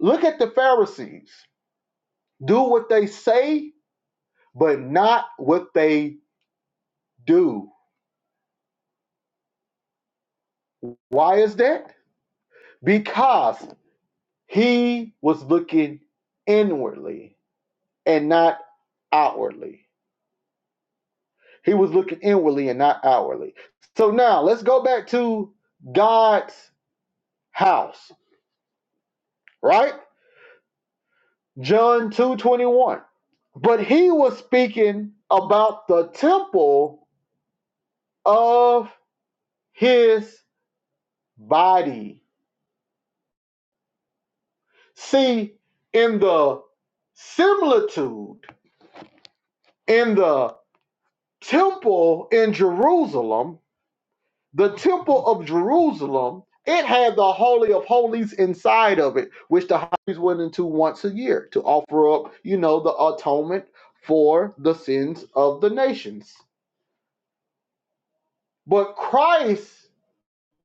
look at the Pharisees, do what they say, but not what they do. Why is that? Because he was looking inwardly and not outwardly. He was looking inwardly and not outwardly. So now let's go back to God's house, right? John 2:21. But he was speaking about the temple of his body. See, in the similitude in the temple in Jerusalem, the temple of Jerusalem, it had the holy of holies inside of it, which the high priest went into once a year to offer up, you know, the atonement for the sins of the nations. But Christ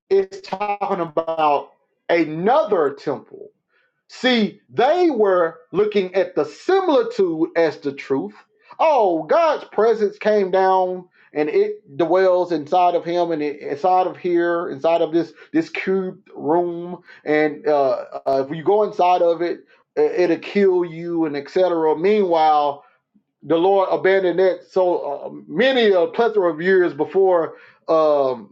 it's talking about another temple. See, they were looking at the similitude as the truth. Oh, God's presence came down and it dwells inside of him and it- inside of here, inside of this this cubed room. And uh, uh, if you go inside of it, uh, it'll kill you and etc. Meanwhile, the Lord abandoned that so uh, many a plethora of years before. Um,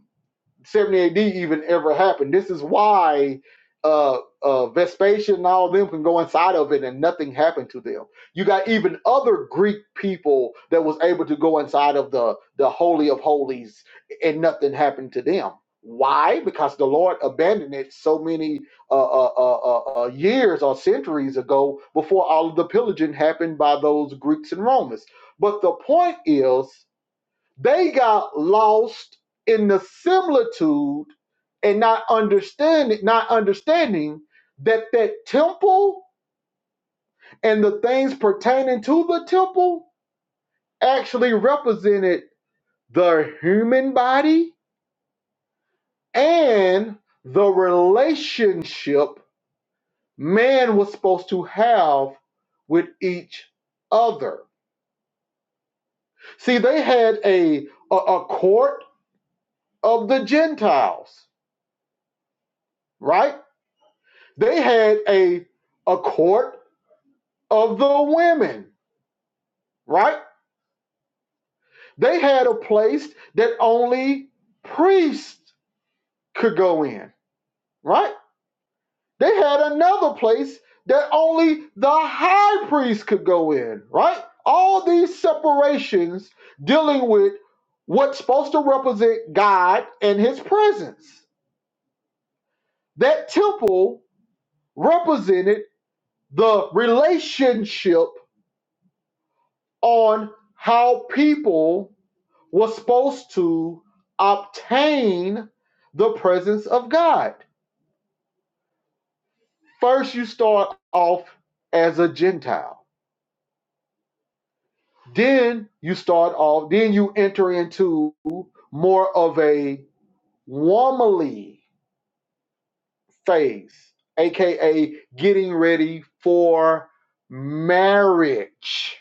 70 AD even ever happened. This is why uh, uh, Vespasian and all of them can go inside of it and nothing happened to them. You got even other Greek people that was able to go inside of the, the Holy of Holies and nothing happened to them. Why? Because the Lord abandoned it so many uh, uh, uh, uh, uh, years or centuries ago before all of the pillaging happened by those Greeks and Romans. But the point is, they got lost in the similitude and not understanding, not understanding that that temple and the things pertaining to the temple actually represented the human body and the relationship man was supposed to have with each other. See, they had a, a, a court of the Gentiles, right? They had a a court of the women, right? They had a place that only priests could go in, right? They had another place that only the high priest could go in, right? All these separations dealing with what's supposed to represent God and his presence. That temple represented the relationship on how people was supposed to obtain the presence of God. First, you start off as a Gentile. Then you start off, then you enter into more of a womanly phase, aka getting ready for marriage.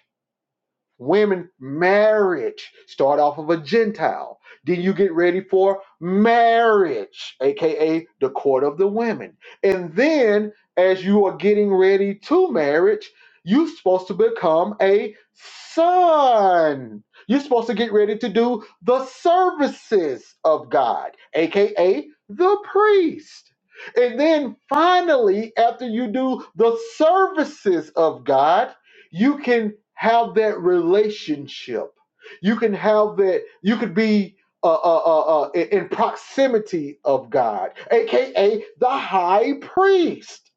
women marriage start off of a gentile then you get ready for marriage aka the court of the women and then as you are getting ready to marriage you're supposed to become a son you're supposed to get ready to do the services of god aka the priest and then finally after you do the services of god you can have that relationship. You can have that. You could be uh, uh, uh, uh, in in proximity of God, aka the high priest.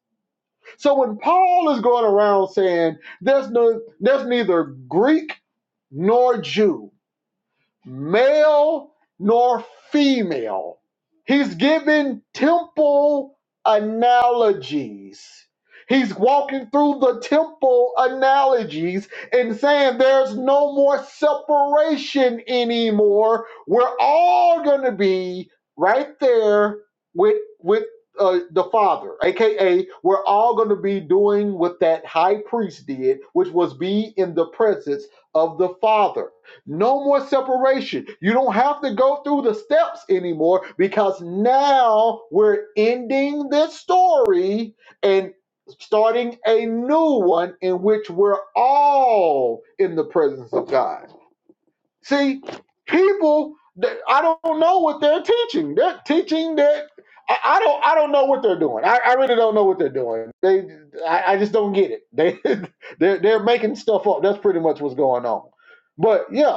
So when Paul is going around saying there's no, there's neither Greek nor Jew, male nor female. He's giving temple analogies. He's walking through the temple analogies and saying there's no more separation anymore. We're all going to be right there with with uh, the Father, aka we're all going to be doing what that high priest did, which was be in the presence of the Father. No more separation. You don't have to go through the steps anymore because now we're ending this story and starting a new one in which we're all in the presence of God. See, people, th- I don't know what they're teaching. They're teaching that. I I don't. I don't know what they're doing. I, I really don't know what they're doing. They, I, I just don't get it. They, they're, they're making stuff up. That's pretty much what's going on. But yeah,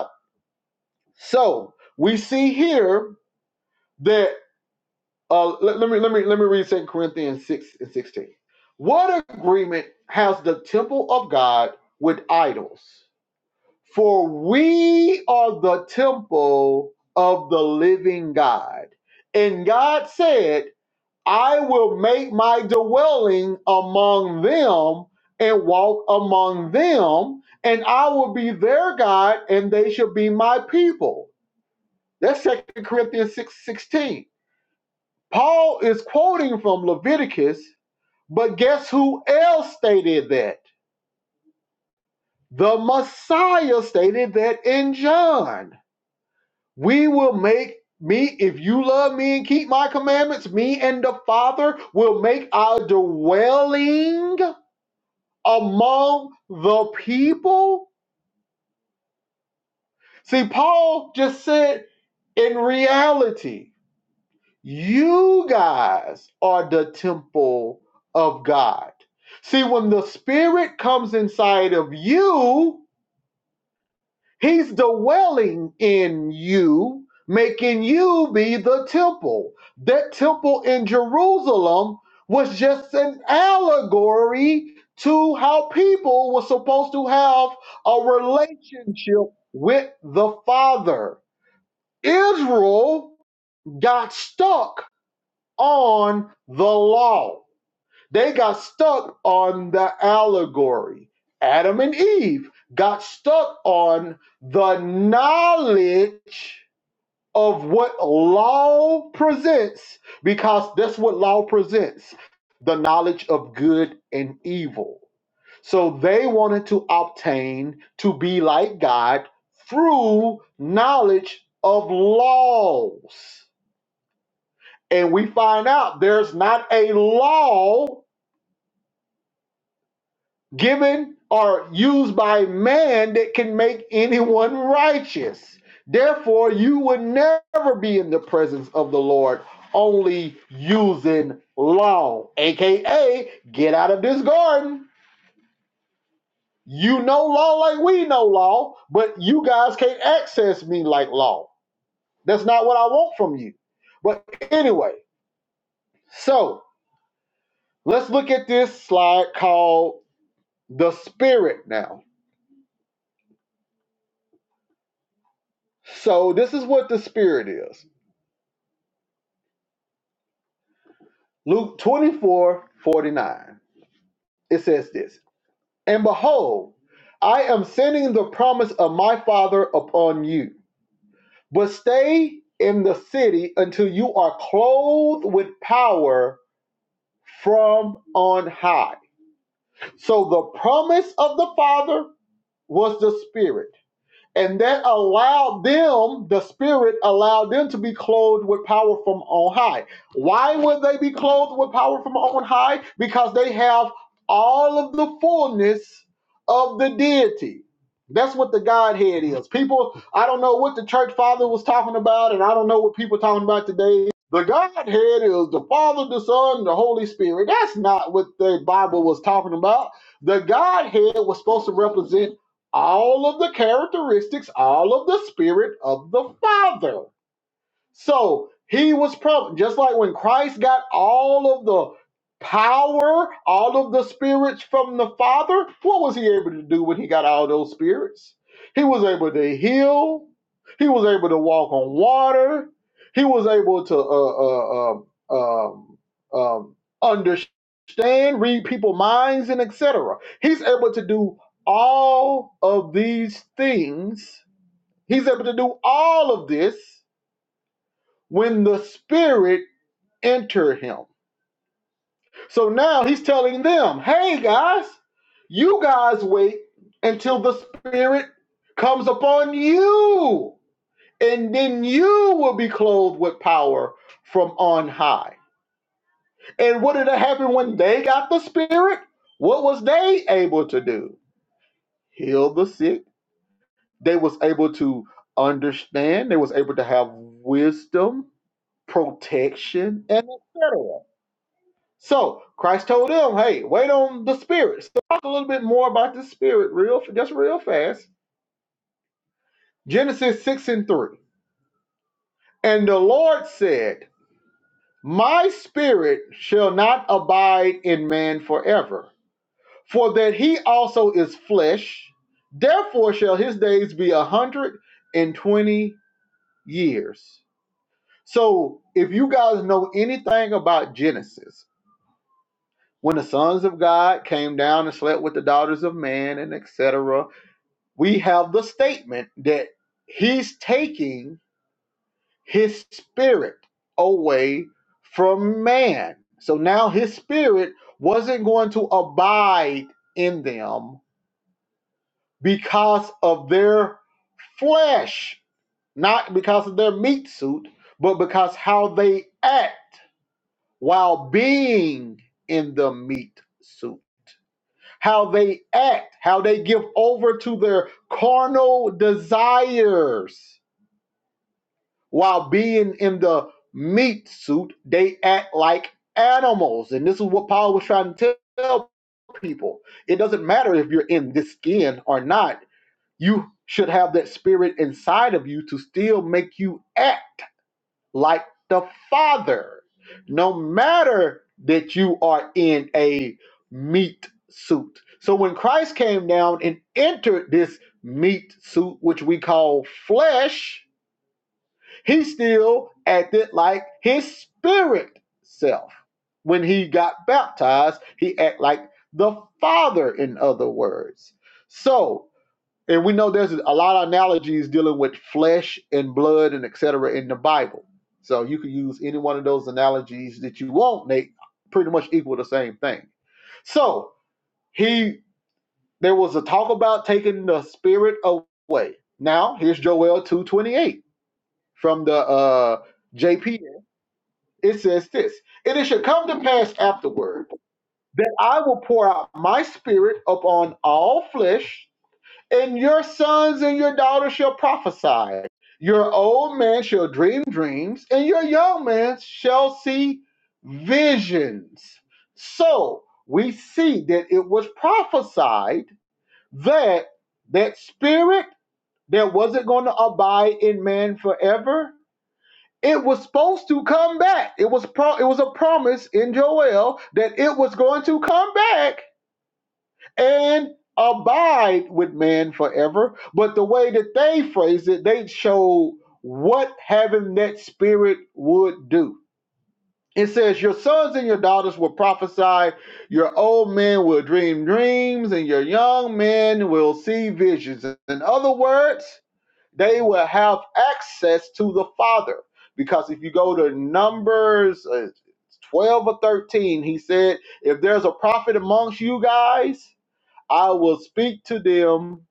so we see here that uh, let, let me let me let me read 2 Corinthians 6 and 16. What agreement has the temple of God with idols? For we are the temple of the living God. And God said, I will make my dwelling among them and walk among them, and I will be their God, and they shall be my people. That's 2 Corinthians 6 16. Paul is quoting from Leviticus, but guess who else stated that? The Messiah stated that in John. We will make me, if you love me and keep my commandments, me and the Father will make our dwelling among the people. See, Paul just said in reality. You guys are the temple of God. See, when the Spirit comes inside of you, He's dwelling in you, making you be the temple. That temple in Jerusalem was just an allegory to how people were supposed to have a relationship with the Father. Israel got stuck on the law. They got stuck on the allegory. Adam and Eve got stuck on the knowledge of what law presents because that's what law presents the knowledge of good and evil. So they wanted to obtain to be like God through knowledge of laws and we find out there's not a law given or used by man that can make anyone righteous. Therefore, you would never be in the presence of the Lord only using law, aka get out of this garden. You know law like we know law, but you guys can't access me like law. That's not what I want from you. But anyway, so let's look at this slide called The Spirit now. So this is what the Spirit is. Luke 24 49. It says this And behold, I am sending the promise of my Father upon you, but stay in the city until you are clothed with power from on high. So the promise of the Father was the Spirit And that allowed them, the Spirit allowed them to be clothed with power from on high. Why would they be clothed with power from on high? Because they have all of the fullness of the deity. That's what the Godhead is. People, I don't know what the church father was talking about, and I don't know what people are talking about today. The Godhead is the Father, the Son, the Holy Spirit. That's not what the Bible was talking about. The Godhead was supposed to represent all of the characteristics, all of the spirit of the Father. So he was probably just like when Christ got all of the power, all of the spirits from the Father, what was he able to do when he got all those spirits? He was able to heal, he was able to walk on water, he was able to uh, uh, um, um, um, understand, read people's minds, and etc. He's able to do all of these things. He's able to do all of this when the Spirit enter him. So now he's telling them, hey guys, you guys wait until the Spirit comes upon you, and then you will be clothed with power from on high. And what did it happen when they got the Spirit? What was they able to do? Heal the sick. They was able to understand. They was able to have wisdom, protection, and etc. So Christ told them, hey, wait on the spirit. So talk a little bit more about the spirit, real just real fast. Genesis 6 and 3. And the Lord said, My spirit shall not abide in man forever, for that he also is flesh, therefore shall his days be a hundred and twenty years. So if you guys know anything about Genesis, when the sons of God came down and slept with the daughters of man and etc we have the statement that he's taking his spirit away from man. So now his spirit wasn't going to abide in them because of their flesh, not because of their meat suit, but because how they act while being in the meat suit. How they act, how they give over to their carnal desires while being in the meat suit, they act like animals. And this is what Paul was trying to tell people. It doesn't matter if you're in this skin or not, you should have that spirit inside of you to still make you act like the Father, no matter that you are in a meat suit. So when Christ came down and entered this meat suit, which we call flesh, he still acted like his spirit self. When he got baptized, he acted like the Father, in other words. So, and we know there's a lot of analogies dealing with flesh and blood and etc. in the Bible. So you can use any one of those analogies that you want. They pretty much equal the same thing. So he there was a talk about taking the spirit away. Now here's Joel 228 from the uh JPA it says this and it shall come to pass afterward that i will pour out my spirit upon all flesh and your sons and your daughters shall prophesy your old man shall dream dreams and your young man shall see visions so we see that it was prophesied that that spirit that wasn't going to abide in man forever it was supposed to come back. It was pro- it was a promise in Joel that it was going to come back and abide with man forever. But the way that they phrased it, they showed what having that spirit would do. It says, Your sons and your daughters will prophesy, your old men will dream dreams, and your young men will see visions. In other words, they will have access to the Father. Because if you go to Numbers uh, 12 or 13, he said, If there's a prophet amongst you guys, I will speak to them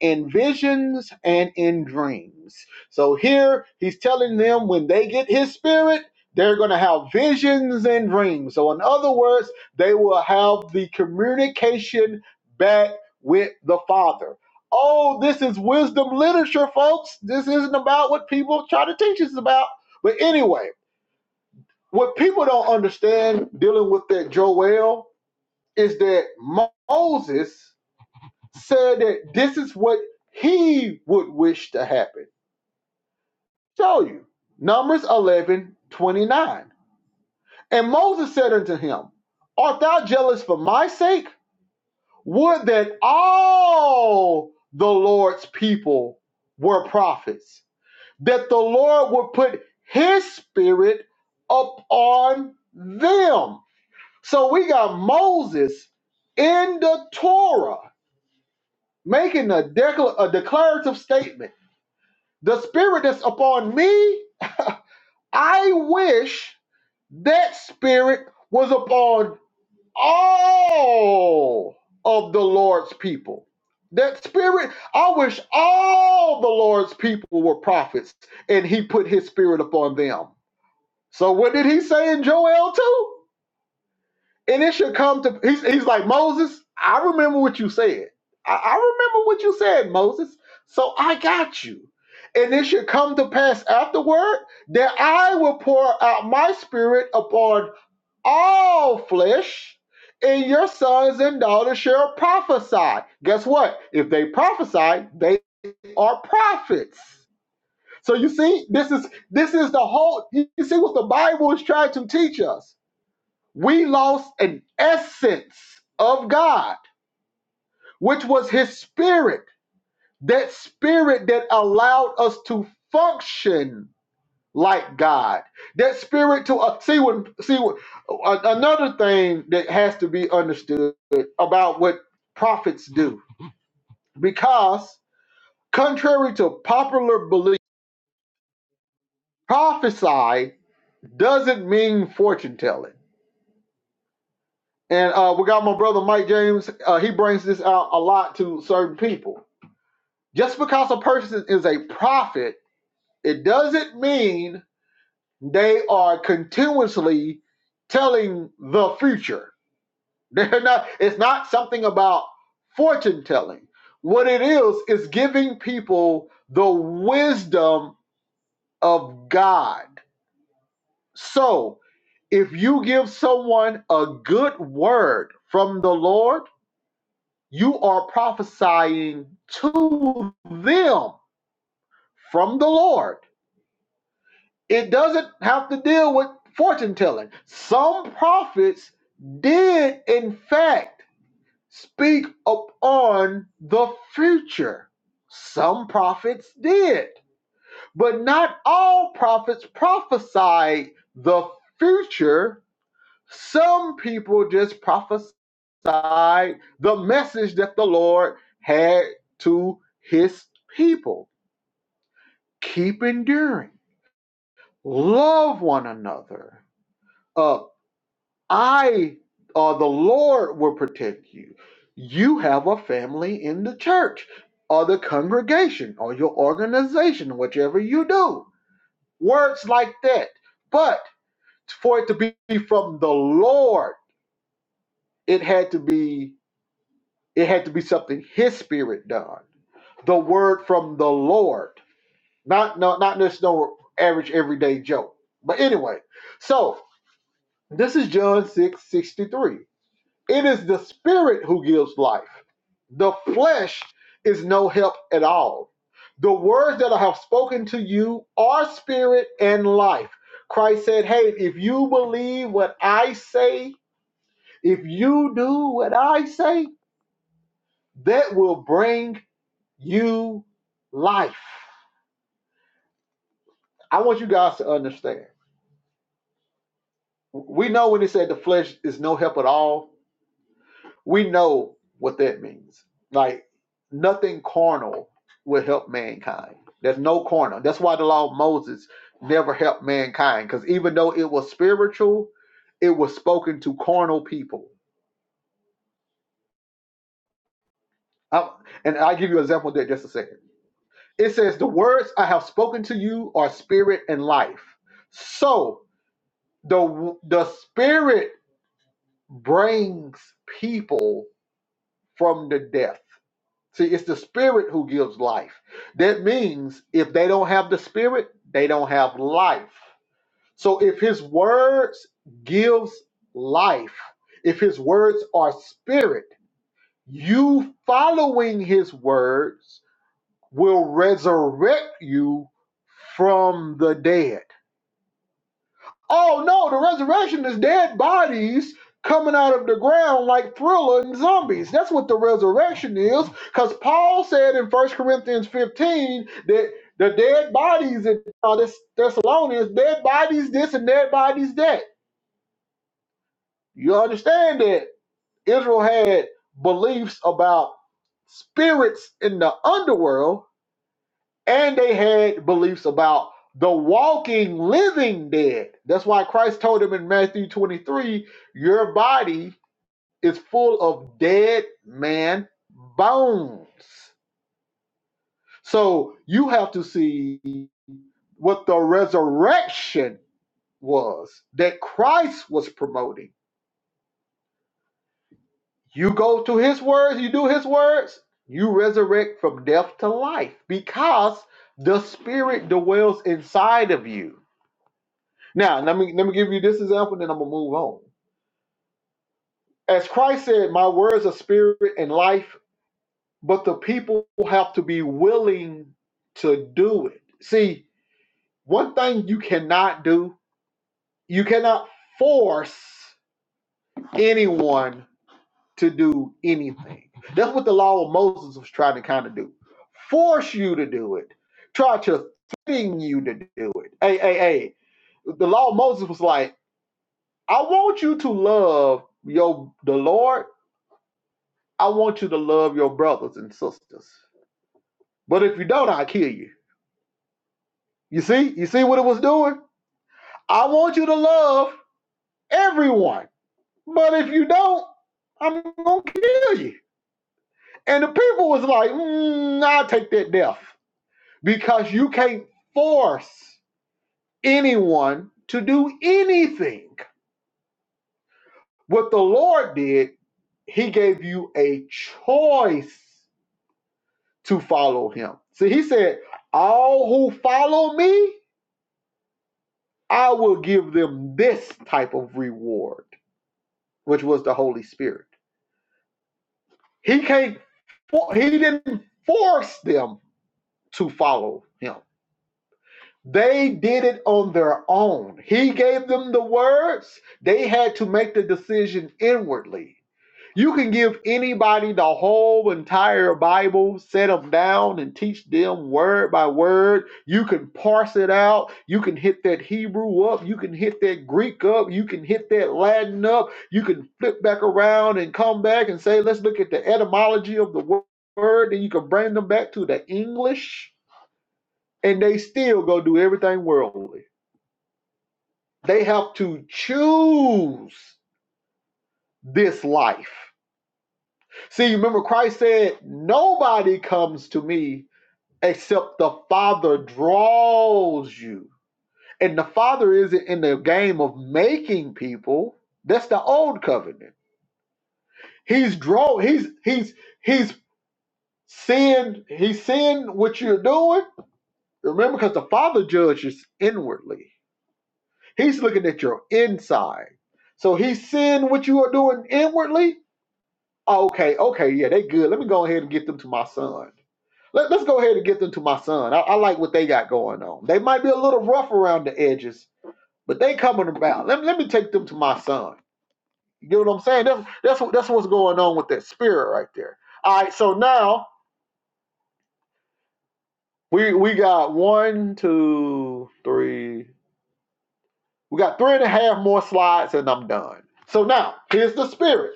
in visions and in dreams. So here he's telling them when they get his spirit, they're going to have visions and dreams. So, in other words, they will have the communication back with the Father. Oh, this is wisdom literature, folks. This isn't about what people try to teach us about. But anyway, what people don't understand dealing with that Joel is that Moses said that this is what he would wish to happen. Show you. Numbers 11 29, And Moses said unto him, Art thou jealous for my sake? Would that all the Lord's people were prophets, that the Lord would put his spirit upon them. So we got Moses in the Torah making a, decla- a declarative statement The spirit that's upon me, I wish that spirit was upon all of the Lord's people. That spirit, I wish all the Lord's people were prophets and he put his spirit upon them. So what did he say in Joel 2? and it should come to he's, he's like moses i remember what you said I, I remember what you said moses so i got you and it should come to pass afterward that i will pour out my spirit upon all flesh and your sons and daughters shall prophesy guess what if they prophesy they are prophets so you see this is this is the whole you see what the bible is trying to teach us we lost an essence of God, which was his spirit, that spirit that allowed us to function like God. That spirit to uh, see when see what uh, another thing that has to be understood about what prophets do because contrary to popular belief, prophesy doesn't mean fortune telling. And uh, we got my brother Mike James. Uh, he brings this out a lot to certain people Just because a person is a prophet, it doesn't mean they are continuously telling the future. They're not, it's not something about fortune telling. What it is, is giving people the wisdom of God. So, if you give someone a good word from the Lord, you are prophesying to them from the Lord. it doesn't have to deal with fortune telling. Some prophets did, in fact, speak upon the future. Some prophets did, but not all prophets prophesied the future. Some people just prophesied the message that the Lord had to his people. Keep enduring, love one another uh, I, uh, the Lord, will protect you. You have a family in the church or the congregation or your organization, whatever you do. Words like that. But for it to be from the Lord, it had to be it had to be something His Spirit done. The word from the Lord, not no, not just no average everyday joke. But anyway, so this is John six sixty three. It is the spirit who gives life. The flesh is no help at all. The words that I have spoken to you are spirit and life. Christ said, Hey, if you believe what I say, if you do what I say, that will bring you life. I want you guys to understand. We know when it said the flesh is no help at all, We know what that means. Like nothing carnal will help mankind. There's no carnal. That's why the law of Moses never helped mankind because even though it was spiritual, it was spoken to carnal people. I- and I'll give you an example of that just a second. It says, The words I have spoken to you are spirit and life. So the, the spirit brings people from the death See, it's the spirit who gives life. That means if they don't have the spirit, they don't have life. So if his words gives life, if his words are spirit, you following his words will resurrect you from the dead. Oh no, the resurrection is dead bodies coming out of the ground like thriller and zombies. That's what the resurrection is. Because Paul said in First Corinthians 15 that the dead bodies in uh, this Thessalonians, dead bodies this and dead bodies that. You understand that Israel had beliefs about spirits in the underworld and they had beliefs about the walking living dead. That's why Christ told them in Matthew 23 your body is full of dead man bones. So you have to see what the resurrection was that Christ was promoting. You go to his words, you do his words, you resurrect from death to life because the spirit dwells inside of you Now, let me let me give you this example, and then I'm gonna move on. As Christ said, "My words are spirit and life," but the people have to be willing to do it. See, one thing you cannot do, you cannot force anyone to do anything. That's what the law of Moses was trying to kind of do. Force you to do it. Try to thing you to do it. Hey, hey, hey. The law of Moses was like, I want you to love your the Lord I want you to love your brothers and sisters. But if you don't, I'll kill you. You see? You see what it was doing? I want you to love everyone. But if you don't, I'm going to kill you. And the people was like, mm, nah, I'll take that death because you can't force anyone to do anything. What the Lord did, He gave you a choice to follow Him. See, He said, All who follow me, I will give them this type of reward, which was the Holy Spirit. He can't for, he didn't force them to follow him. They did it on their own. He gave them the words. They had to make the decision inwardly You can give anybody the whole entire Bible, set them down and teach them word by word. You can parse it out. You can hit that Hebrew up. You can hit that Greek up. You can hit that Latin up. You can flip back around and come back and say, let's look at the etymology of the word. Then you can bring them back to the English, and they still go do everything worldly. They have to choose this life. See, remember Christ said, Nobody comes to me except the Father draws you. And the Father isn't in the game of making people. That's the old covenant. He's draw he's he's he's seeing he's seeing what you're doing. Remember, because the Father judges inwardly. He's looking at your inside. So he's seeing what you are doing inwardly. Okay, okay, yeah, they good. Let me go ahead and get them to my son. Let, us go ahead and get them to my son. I, I like what they got going on. They might be a little rough around the edges, but they coming about. Let, let me take them to my son. You get what I'm saying? That's that's what that's what's going on with that spirit right there. All right, so now we we got one, two, three. We got three and a half more slides, and I'm done. So now here's the spirit.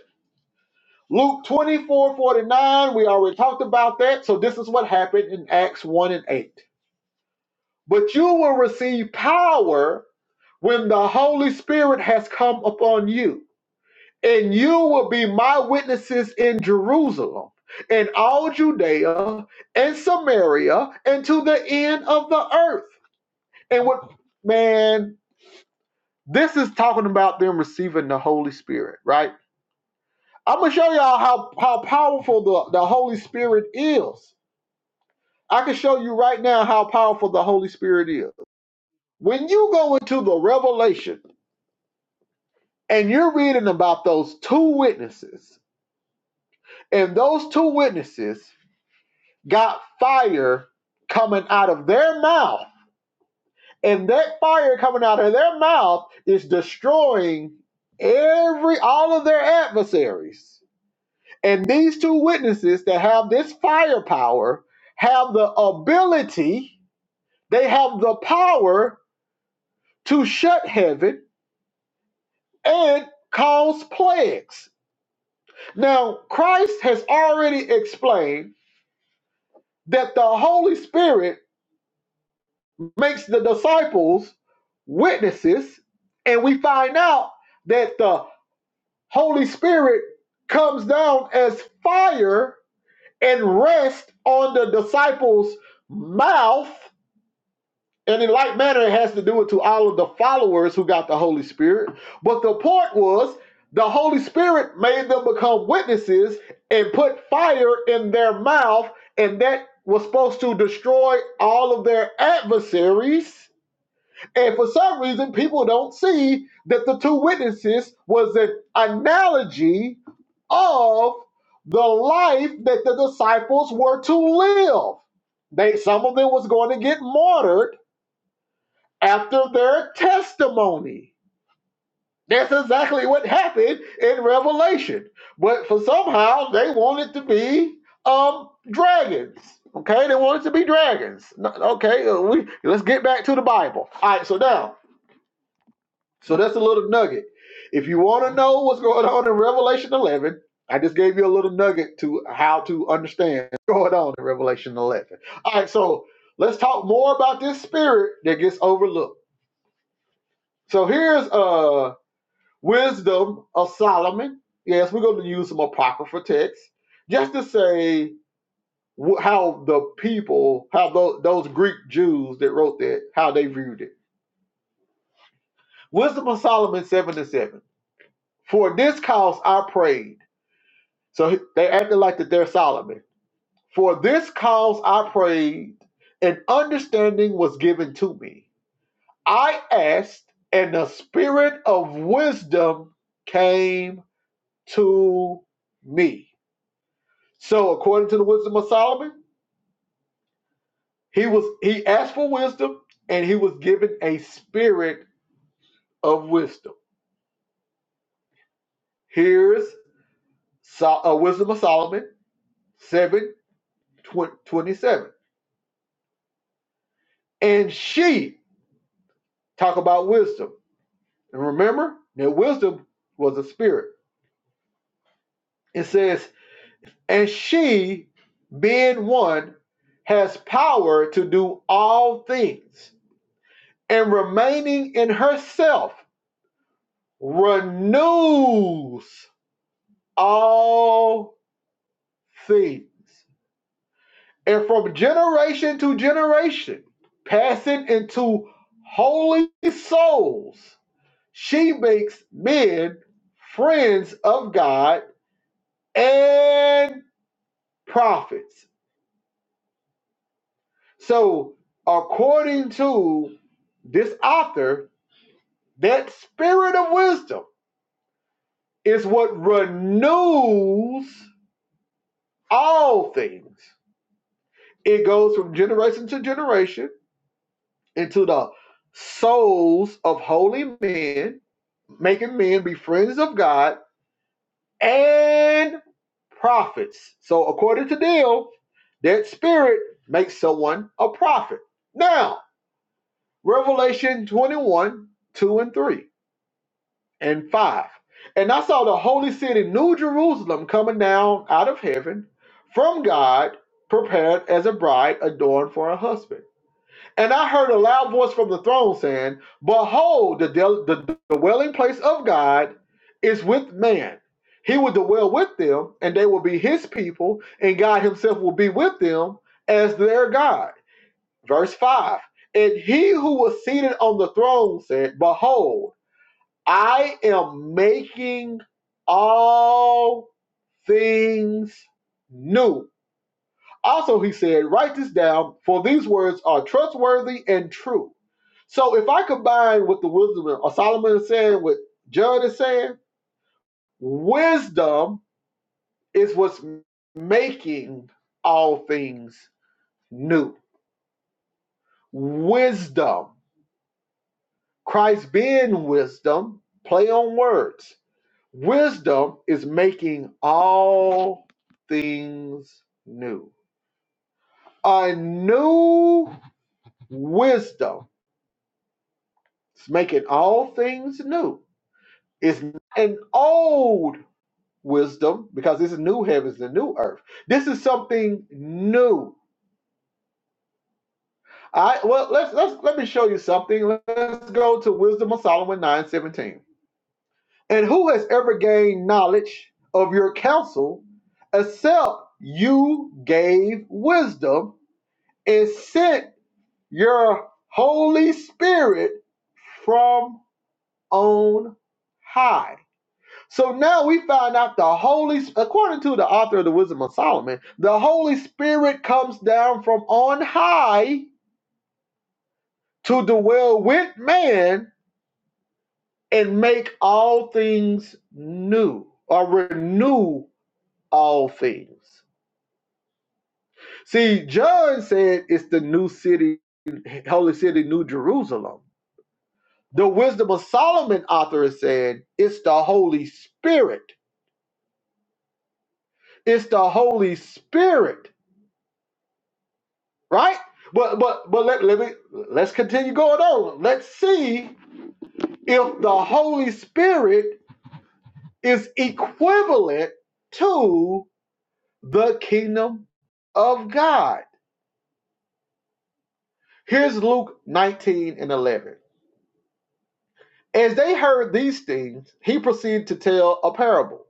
Luke 24 49. we already talked about that. So this is what happened in Acts 1 and 8. But you will receive power when the Holy Spirit has come upon you, and you will be my witnesses in Jerusalem and all Judea and Samaria and to the end of the earth. And what man, this is talking about them receiving the Holy Spirit, right? I'm gonna show y'all how, how powerful the, the Holy Spirit is. I can show you right now how powerful the Holy Spirit is. When you go into the revelation and you're reading about those two witnesses And those two witnesses got fire coming out of their mouth, and that fire coming out of their mouth is destroying every all of their adversaries. And these two witnesses that have this firepower have the ability, they have the power to shut heaven and cause plagues. Now, Christ has already explained that the Holy Spirit makes the disciples witnesses, and we find out that the Holy Spirit comes down as fire and rests on the disciples' mouth. And in like manner, it has to do it to all of the followers who got the Holy Spirit. But the point was, the Holy Spirit made them become witnesses and put fire in their mouth, and that was supposed to destroy all of their adversaries and for some reason, people don't see that the two witnesses was an analogy of the life that the disciples were to live. They some of them was going to get martyred after their testimony. That's exactly what happened in Revelation. But for somehow they wanted to be um dragons. Okay, they wanted to be dragons. No- Okay, uh, we let's get back to the Bible. All right, so now So that's a little nugget. If you want to know what's going on in Revelation 11, I just gave you a little nugget to how to understand what's going on in Revelation 11. All right, so let's talk more about this spirit that gets overlooked. So here's uh wisdom of Solomon. Yes, we're going to use some apocryphal texts just to say wh- how the people, how tho- those Greek Jews that wrote that, how they viewed it. Wisdom of Solomon 7 and 7. For this cause I prayed So they acted like that they're Solomon. For this cause I prayed, and understanding was given to me. I asked, and the spirit of wisdom came to me. So according to the wisdom of Solomon, he was he asked for wisdom, and he was given a spirit of wisdom. Here's so, uh, wisdom of Solomon seven twenty seven, and she talk about wisdom. And remember that wisdom was a spirit. It says, and she, being one, has power to do all things, and remaining in herself renews all things. And from generation to generation, passing into holy souls, she makes men friends of God and prophets. So, according to this author, that spirit of wisdom is what renews all things. It goes from generation to generation into the souls of holy men, making men be friends of God and prophets. So, according to Dale, that spirit makes someone a prophet. Now, Revelation 21 2 and 3. and 5. And I saw the holy city, New Jerusalem, coming down out of heaven from God, prepared as a bride adorned for her husband. And I heard a loud voice from the throne saying, Behold, the, del- the dwelling place of God is with man. He will dwell with them, and they will be his people, and God himself will be with them as their God. Verse 5 And he who was seated on the throne said, Behold, I am making all things new. Also, he said, write this down, for these words are trustworthy and true. So, if I combine what the wisdom of Solomon is saying, what Judd is saying, wisdom is what's making all things new. Wisdom, Christ being wisdom, play on words Wisdom is making all things new. A new wisdom is making all things new. It's not an old wisdom because this is new heavens and new earth. This is something new. I well let's let's let me show you something. Let's go to Wisdom of Solomon 9:17. And who has ever gained knowledge of your counsel except you gave wisdom? and sent your Holy Spirit from on high. So now we find out the Holy, according to the author of the Wisdom of Solomon, the Holy Spirit comes down from on high to dwell with man and make all things new or renew all things. See, John said it's the new city, holy city, New Jerusalem. The Wisdom of Solomon author is saying it's the Holy Spirit. It's the Holy Spirit, right? But but but let, let me let's continue going on. Let's see if the Holy Spirit is equivalent to the kingdom of God. Here's Luke 19 and 11. As they heard these things, he proceeded to tell a parable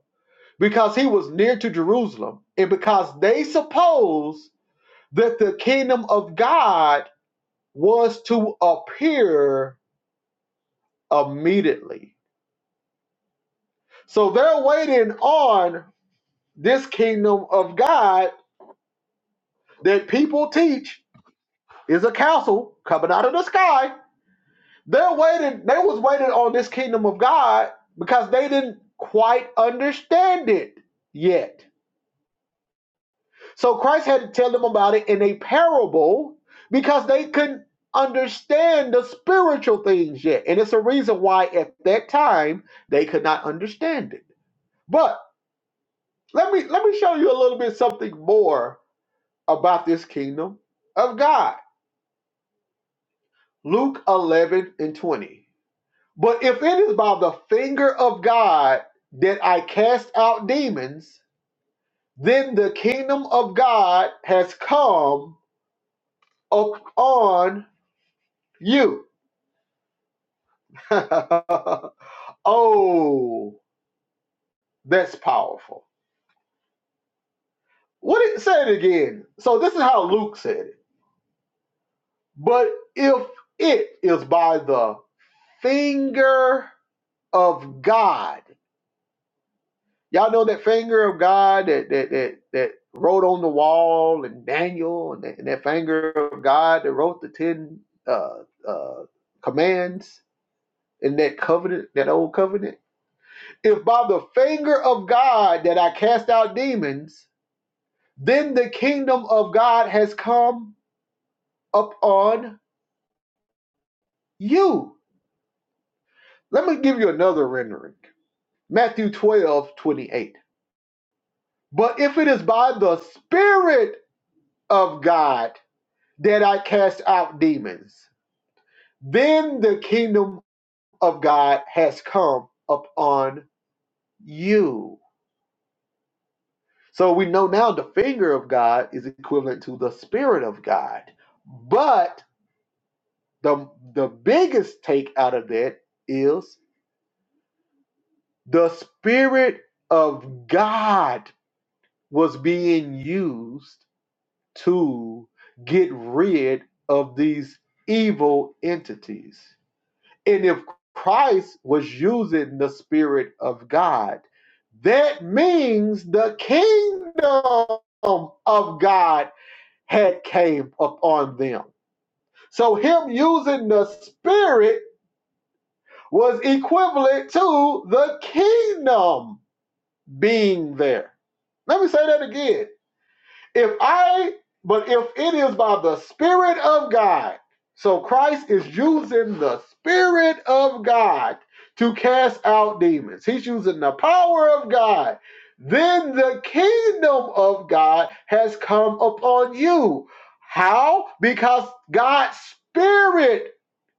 because he was near to Jerusalem and because they supposed that the kingdom of God was to appear immediately. So they're waiting on this kingdom of God that people teach is a council coming out of the sky. They're waiting, they was waiting on this kingdom of God because they didn't quite understand it yet So Christ had to tell them about it in a parable because they couldn't understand the spiritual things yet. And it's a reason why at that time they could not understand it. But let me let me show you a little bit something more about this kingdom of God. Luke 11 and 20. But if it is by the finger of God that I cast out demons, then the kingdom of God has come upon you. oh, that's powerful. What it say it again. So this is how Luke said it. But if it is by the finger of God, y'all know that finger of God that that that that wrote on the wall and Daniel and that, and that finger of God that wrote the ten uh, uh, commands in that covenant, that old covenant. If by the finger of God that I cast out demons, then the kingdom of God has come upon you. Let me give you another rendering Matthew 12 28. But if it is by the Spirit of God that I cast out demons, then the kingdom of God has come upon you. So we know now the finger of God is equivalent to the Spirit of God. But the, the biggest take out of that is The Spirit of God was being used to get rid of these evil entities. And if Christ was using the Spirit of God, that means the kingdom of God had came upon them. So him using the Spirit was equivalent to the kingdom being there. Let me say that again. If I, but if it is by the Spirit of God, so Christ is using the Spirit of God to cast out demons, He's using the power of God. Then the kingdom of God has come upon you. How? Because God's Spirit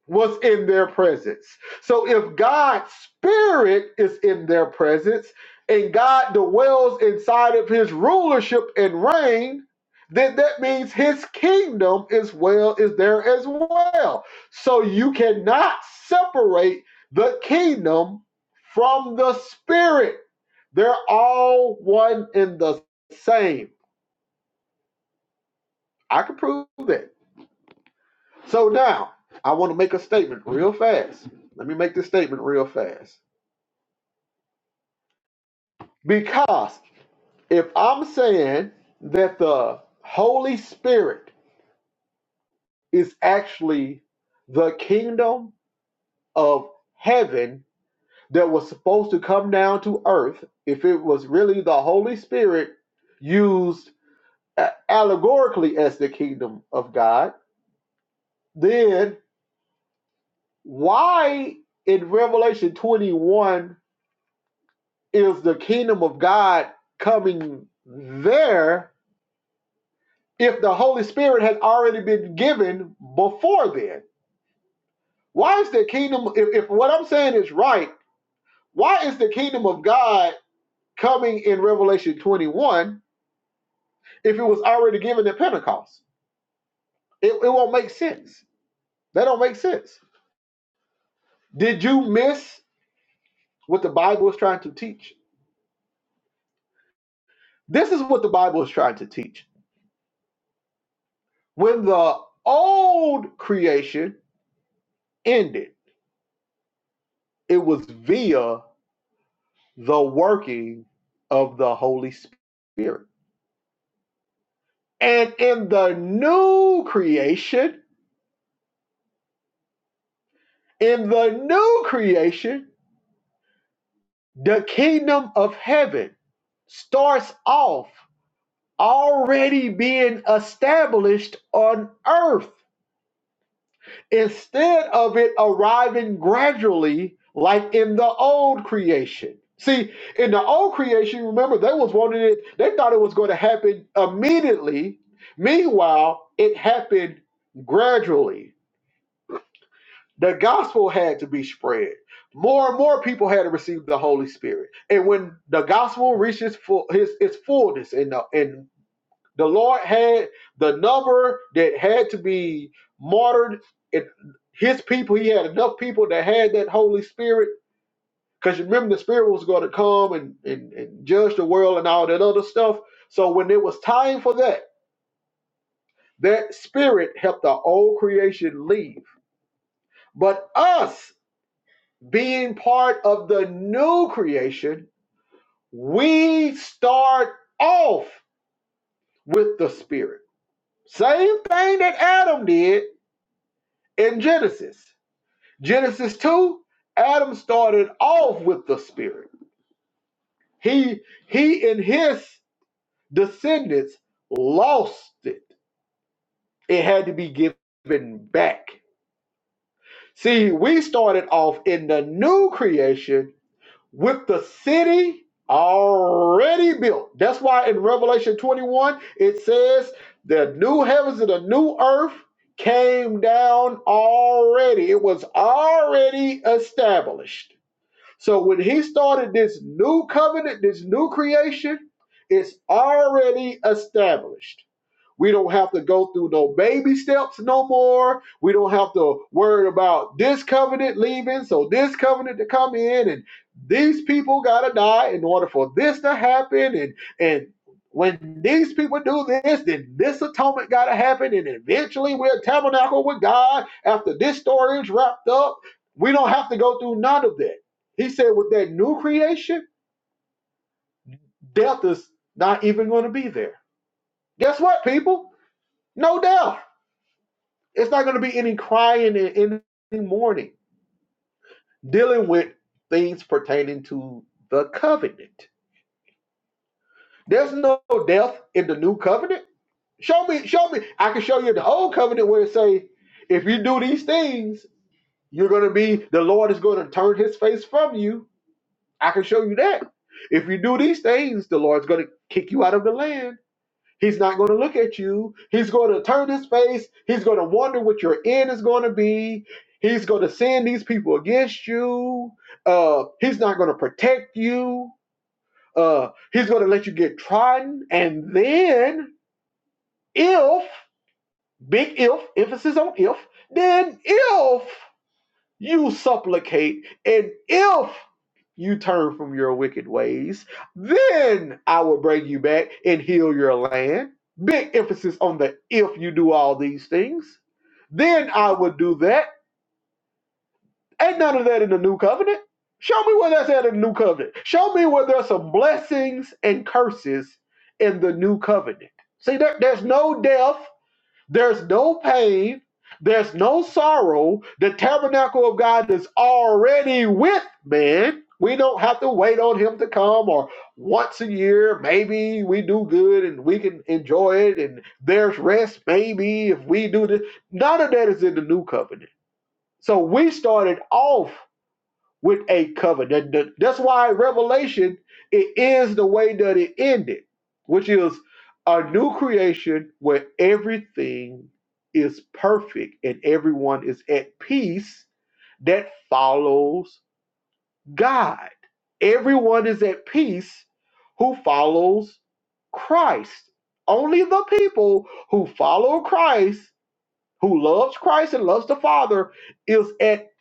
was in their presence. So if God's spirit is in their presence and God dwells inside of his rulership and reign, then that means his kingdom is well is there as well. So you cannot separate the kingdom from the spirit. They're all one and the same. I can prove that. So now I want to make a statement real fast. Let me make this statement real fast. Because if I'm saying that the Holy Spirit is actually the kingdom of heaven that was supposed to come down to earth, if it was really the Holy Spirit used a- allegorically as the kingdom of God, then why in Revelation 21 is the kingdom of God coming there if the Holy Spirit has already been given before then? Why is the kingdom, if, if what I'm saying is right, why is the kingdom of God coming in Revelation 21 if it was already given at Pentecost? It, it won't make sense. That don't make sense. Did you miss what the Bible is trying to teach? This is what the Bible is trying to teach. When the old creation ended, it was via the working of the Holy Spirit. And in the new creation, in the new creation, the kingdom of heaven starts off already being established on earth. instead of it arriving gradually like in the old creation. See, in the old creation, remember they was wanting it, they thought it was going to happen immediately. Meanwhile, it happened gradually. The gospel had to be spread. More and more people had to receive the Holy Spirit. And when the gospel reaches full, his, its fullness in, the, in the Lord had the number that had to be martyred. It, his people, he had enough people that had that Holy Spirit. Because you remember, the Spirit was going to come and, and, and judge the world and all that other stuff. So when it was time for that, that Spirit helped the old creation leave. But us being part of the new creation, we start off with the Spirit. Same thing that Adam did in Genesis. Genesis 2, Adam started off with the spirit. He he and his descendants lost it. It had to be given back. See, we started off in the new creation with the city already built. That's why in Revelation 21 it says the new heavens and the new earth came down already. It was already established. So when he started this new covenant, this new creation, it's already established. We don't have to go through no baby steps no more. We don't have to worry about this covenant leaving, so this covenant to come in, and these people gotta die in order for this to happen, and and when these people do this, then this atonement gotta happen, and eventually we're tabernacle with God after this story is wrapped up. We don't have to go through none of that. He said, with that new creation, death is not even going to be there. Guess what, people? No death. It's not going to be any crying and any mourning dealing with things pertaining to the covenant. There's no death in the new covenant. Show me, show me. I can show you the old covenant where it say, if you do these things, you're going to be, the Lord is going to turn his face from you. I can show you that. If you do these things, the Lord's going to kick you out of the land He's not going to look at you. He's going to turn his face. He's going to wonder what your end is going to be. He's going to send these people against you. Uh, he's not going to protect you. Uh, he's going to let you get trodden. And then, if, big if, emphasis on if, then if you supplicate and if you turn from your wicked ways, then I will bring you back and heal your land. Big emphasis on the if you do all these things, then I will do that. Ain't none of that in the new covenant. Show me where that's at in the new covenant. Show me where there's some blessings and curses in the new covenant. See, there, there's no death, there's no pain. There's no sorrow. The tabernacle of God is already with man. We don't have to wait on him to come or once a year. Maybe we do good and we can enjoy it and there's rest. Maybe if we do this. None of that is in the new covenant. So we started off with a covenant. That- that- That's why Revelation it is the way that it ended, which is a new creation where everything is perfect and everyone is at peace that follows God. Everyone is at peace who follows Christ. Only the people who follow Christ, who loves Christ and loves the Father, is at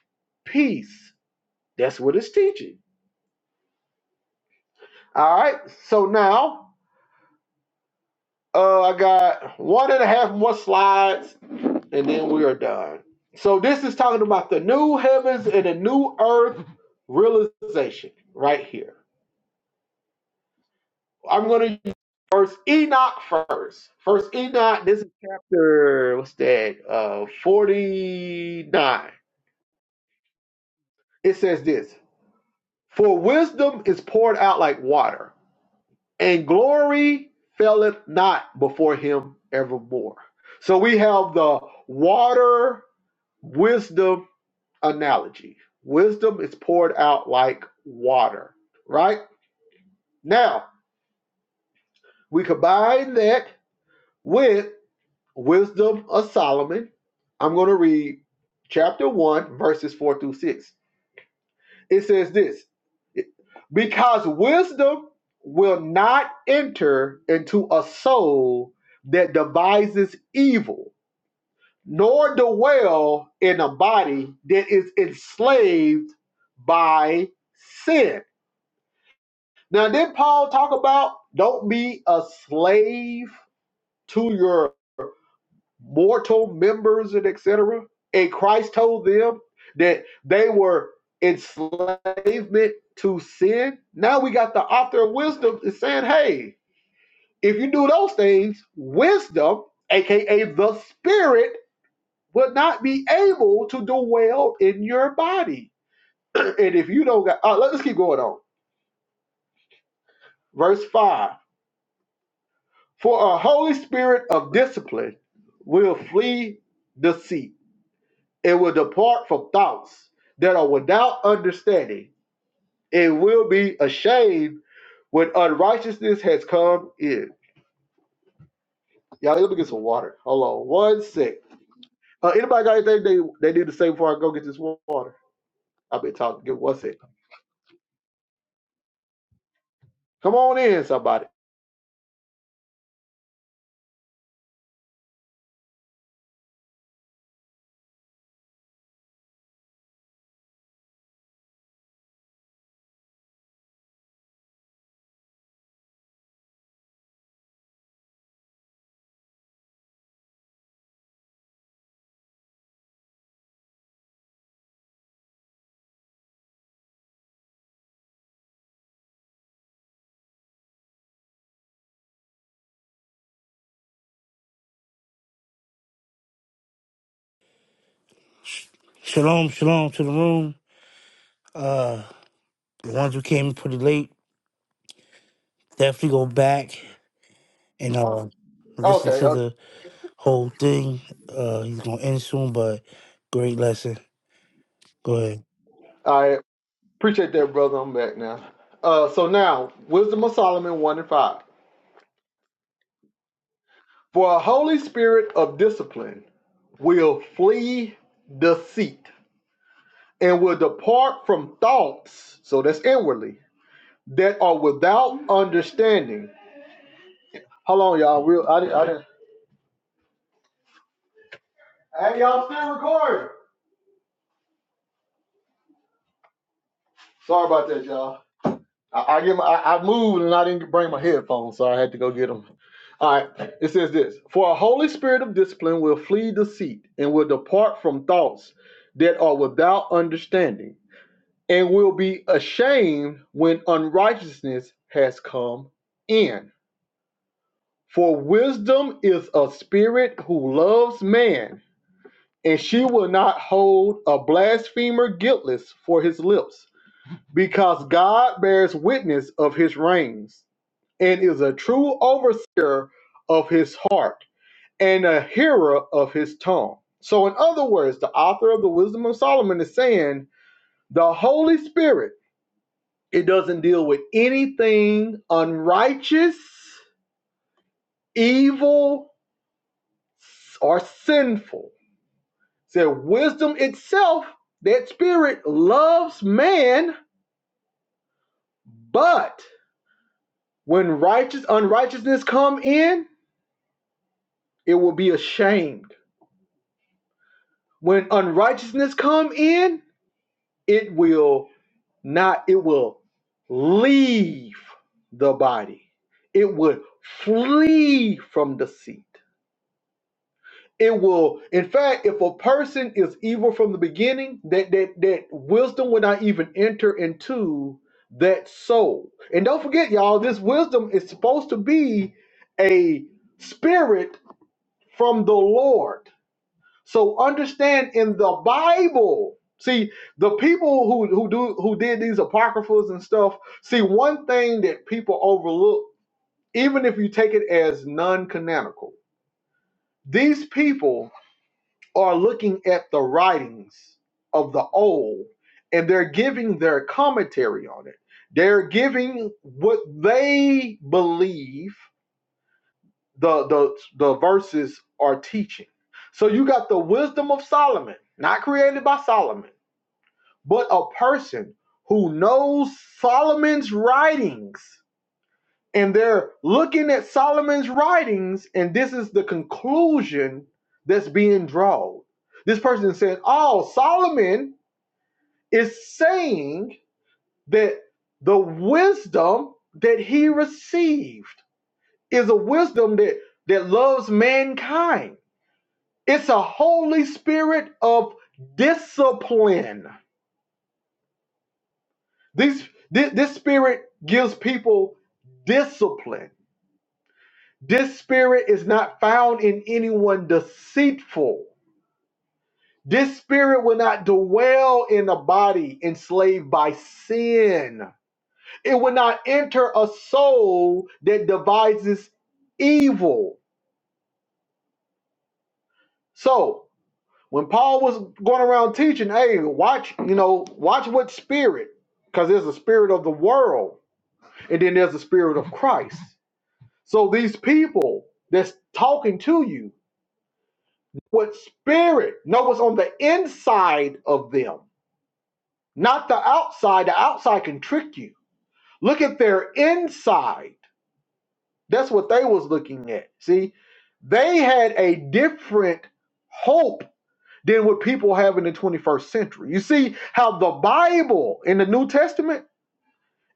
peace. That's what it's teaching All right. So now uh, I got one and a half more slides, and then we are done. So this is talking about the new heavens and the new earth realization right here. I'm going to use First Enoch first. First Enoch. This is chapter what's that? Uh, forty nine. It says this: For wisdom is poured out like water and glory faileth not before him evermore. So we have the water wisdom analogy. Wisdom is poured out like water, right? Now, we combine that with wisdom of Solomon. I'm going to read chapter 1, verses 4 through 6. It says this because wisdom will not enter into a soul that devises evil, nor dwell in a body that is enslaved by sin. Now, did Paul talk about don't be a slave to your mortal members and etc. And Christ told them that they were enslavement to sin. Now we got the author of wisdom is saying, hey, if you do those things, wisdom, aka the spirit, will not be able to dwell in your body. and if you don't got uh, let's keep going on. Verse 5. For a holy spirit of discipline will flee deceit It will depart from thoughts that are without understanding. It will be ashamed when unrighteousness has come in. Y'all, let me get some water. Hold on one sec. Uh, anybody got anything they, they need to say before I go get this water? I've been talking. Give me one sec. Come on in, somebody.
Sh- Shalom, shalom to the room. Uh, the ones who came pretty late, definitely go back and uh, listen
Okay.
to
uh,
the whole thing. Uh, he's gonna end soon, but great lesson. Go ahead.
I appreciate that, brother. I'm back now. Uh, so now, Wisdom of Solomon 1 and 5. For a holy spirit of discipline will flee deceit and will depart from thoughts, so that's inwardly, that are without understanding. How long, y'all? Real, I didn't. I didn't. Hey, y'all still recording? Sorry about that, y'all. I, I get my, I, I moved and I didn't bring my headphones, so I had to go get them. All right. It says this: For a holy spirit of discipline will flee deceit and will depart from thoughts that are without understanding, and will be ashamed when unrighteousness has come in For wisdom is a spirit who loves man, and she will not hold a blasphemer guiltless for his lips, because God bears witness of his reins, and is a true overseer of his heart, and a hearer of his tongue. So, in other words, the author of the Wisdom of Solomon is saying the Holy Spirit, it doesn't deal with anything unrighteous, evil, or sinful said wisdom itself, that spirit loves man, but when righteous unrighteousness come in, it will be ashamed. When unrighteousness come in, it will not, it will leave the body. It would flee from the seat. it will in fact if a person is evil from the beginning that that that wisdom will not even enter into that soul and don't forget y'all this wisdom is supposed to be a spirit from the lord so understand in the bible see the people who who do who did these apocryphals and stuff see one thing that people overlook even if you take it as non-canonical these people are looking at the writings of the old and they're giving their commentary on it. They're giving what they believe the the, the verses are teaching. So you got the wisdom of Solomon, not created by Solomon, but a person who knows Solomon's writings and they're looking at Solomon's writings, and this is the conclusion that's being drawn. This person is saying, Oh, Solomon is saying that the wisdom that he received is a wisdom that, that loves mankind. It's a Holy Spirit of discipline. This thi- this spirit gives people discipline This spirit is not found in anyone deceitful. This spirit will not dwell in a body enslaved by sin. It will not enter a soul that devises evil. So, when Paul was going around teaching, hey, watch, you know, watch what spirit, because there's a spirit of the world, and then there's a spirit of Christ. So, these people that's talking to you, What spirit? No, what's on the inside of them, not the outside. The outside can trick you. Look at their inside. That's what they was looking at. See, they had a different hope than what people have in the 21st century. You see how the Bible in the New Testament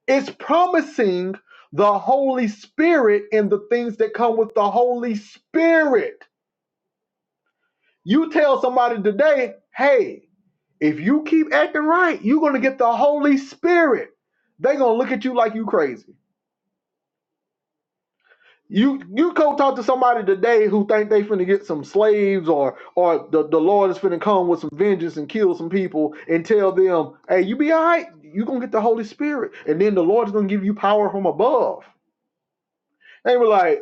is promising the Holy Spirit and the things that come with the Holy Spirit. You tell somebody today, hey, If you keep acting right, you're gonna get the Holy Spirit. they gonna look at you like you crazy. You you go talk to somebody today who think they finna get some slaves or or the, the Lord is finna come with some vengeance and kill some people and tell them, hey, you be alright, you gonna get the Holy Spirit. And then the Lord is gonna give you power from above. They were like,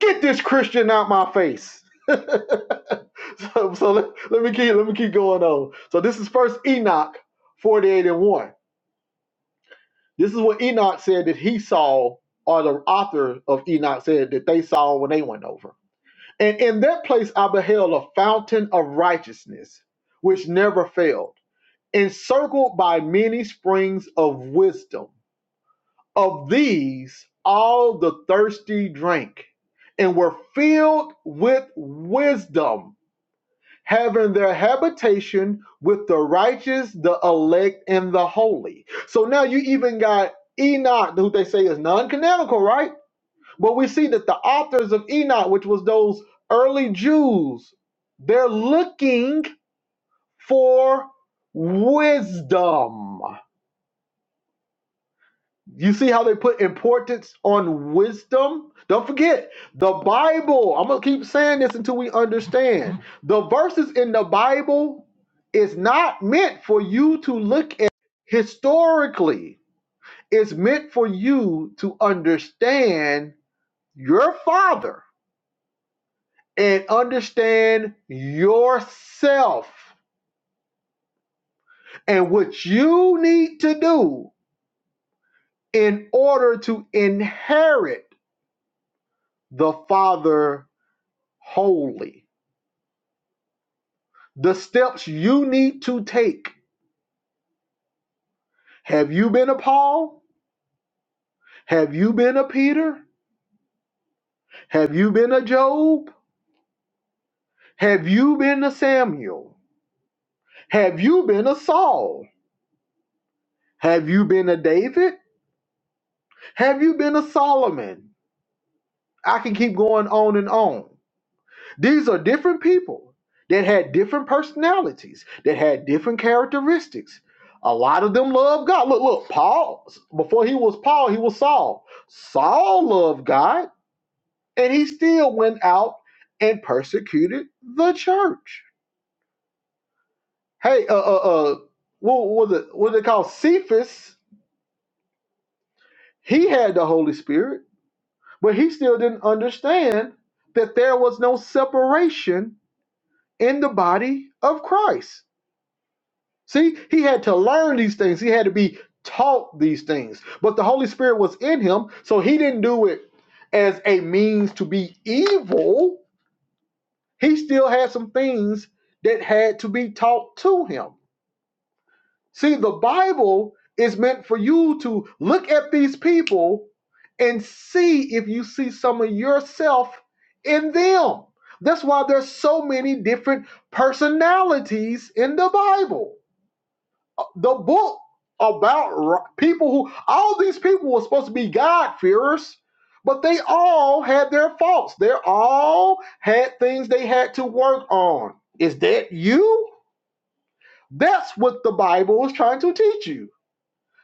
get this Christian out my face. so so let, let me keep let me keep going on. So this is first Enoch 48 and 1. This is what Enoch said that he saw, or the author of Enoch said that they saw when they went over. And in that place I beheld a fountain of righteousness, which never failed, encircled by many springs of wisdom. Of these all the thirsty drank, and were filled with wisdom having their habitation with the righteous, the elect, and the holy. So now you even got Enoch, who they say is non canonical, right? But we see that the authors of Enoch, which was those early Jews, they're looking for wisdom. You see how they put importance on wisdom? Don't forget the Bible. I'm going to keep saying this until we understand. The verses in the Bible is not meant for you to look at historically, it's meant for you to understand your Father and understand yourself and what you need to do in order to inherit the Father holy. The steps you need to take. Have you been a Paul? Have you been a Peter? Have you been a Job? Have you been a Samuel? Have you been a Saul? Have you been a David? Have you been a Solomon? I can keep going on and on. These are different people that had different personalities, that had different characteristics. A lot of them loved God. Look, look, Paul, before he was Paul, he was Saul. Saul loved God, and he still went out and persecuted the church. Hey, uh, uh, uh what was it? What they call Cephas? He had the Holy Spirit, but he still didn't understand that there was no separation in the body of Christ See, he had to learn these things. He had to be taught these things. But the Holy Spirit was in him, so he didn't do it as a means to be evil. He still had some things that had to be taught to him. See, the Bible is meant for you to look at these people and see if you see some of yourself in them. That's why there's so many different personalities in the Bible the book about people who all these people were supposed to be God-fearers, but they all had their faults. They all had things they had to work on. Is that you? That's what the Bible is trying to teach you.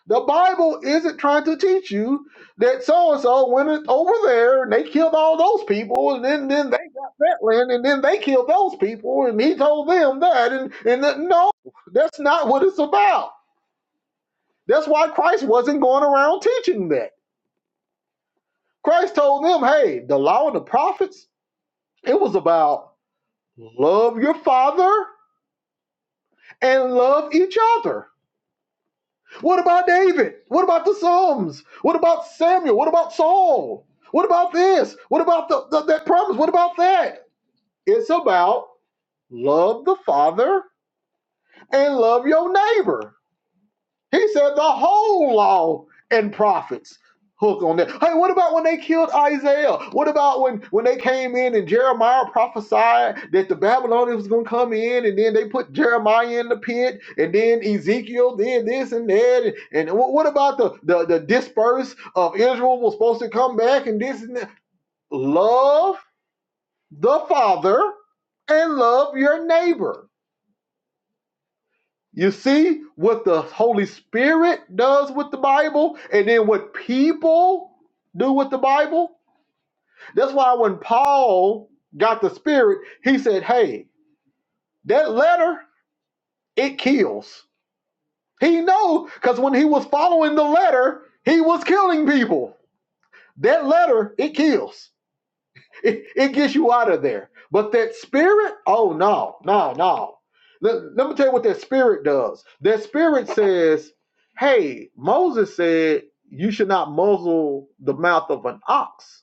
The Bible isn't trying to teach you that so and so went over there and they killed all those people, and then, then they got that land, and then they killed those people, and he told them that, and and that, no, that's not what it's about that's why Christ wasn't going around teaching that. Christ told them, hey, the law and the prophets, it was about love your father and love each other. What about David? What about the Psalms? What about Samuel? What about Saul? What about this? What about the, the- that promise? What about that? It's about love the Father and love your neighbor. He said the whole law and prophets hook on that. Hey, what about when they killed Isaiah? What about when when they came in and Jeremiah prophesied that the Babylonians was going to come in and then they put Jeremiah in the pit and then Ezekiel did this and that and, and what about the the the dispersed of Israel was supposed to come back and this and that? Love the Father and love your neighbor You see what the Holy Spirit does with the Bible and then what people do with the Bible? That's why when Paul got the Spirit, he said, Hey, that letter, it kills. He knows because when he was following the letter, he was killing people. That letter, it kills. it, it gets you out of there. But that spirit, oh no, no, no. Let, let me tell you what that spirit does. That spirit says, hey, Moses said you should not muzzle the mouth of an ox.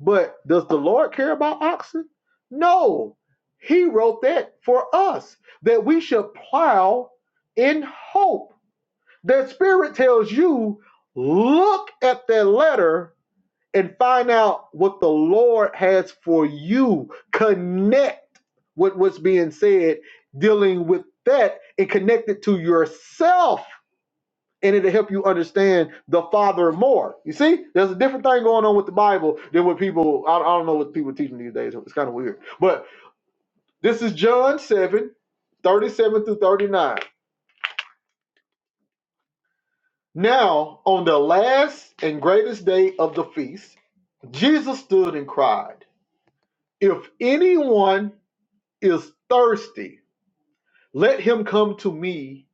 But does the Lord care about oxen? No. He wrote that for us, that we should plow in hope. That spirit tells you, look at that letter and find out what the Lord has for you. Connect with what's being said, dealing with that, and connect it to yourself. And it'll help you understand the Father more. You see, there's a different thing going on with the Bible than what people, I, I don't know what people are teaching these days. It's kind of weird. But this is John seven, thirty-seven through 39. Now, on the last and greatest day of the feast, Jesus stood and cried, If anyone is thirsty, let him come to me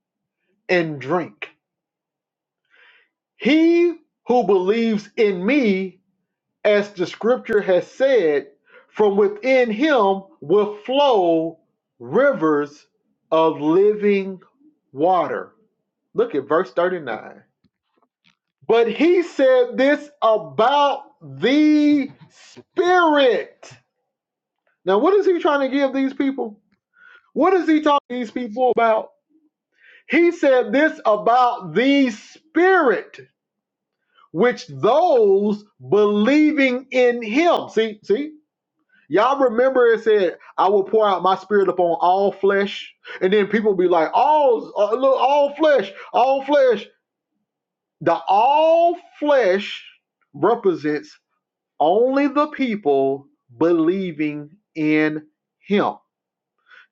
and drink. He who believes in me, as the scripture has said, from within him will flow rivers of living water. Look at verse 39. But he said this about the Spirit. Now, what is he trying to give these people? What is he talking to these people about? He said this about the Spirit, which those believing in Him. See, see, y'all remember it said, "I will pour out my Spirit upon all flesh," and then people be like, "All, uh, look, all flesh, all flesh." The all flesh represents only the people believing in Him.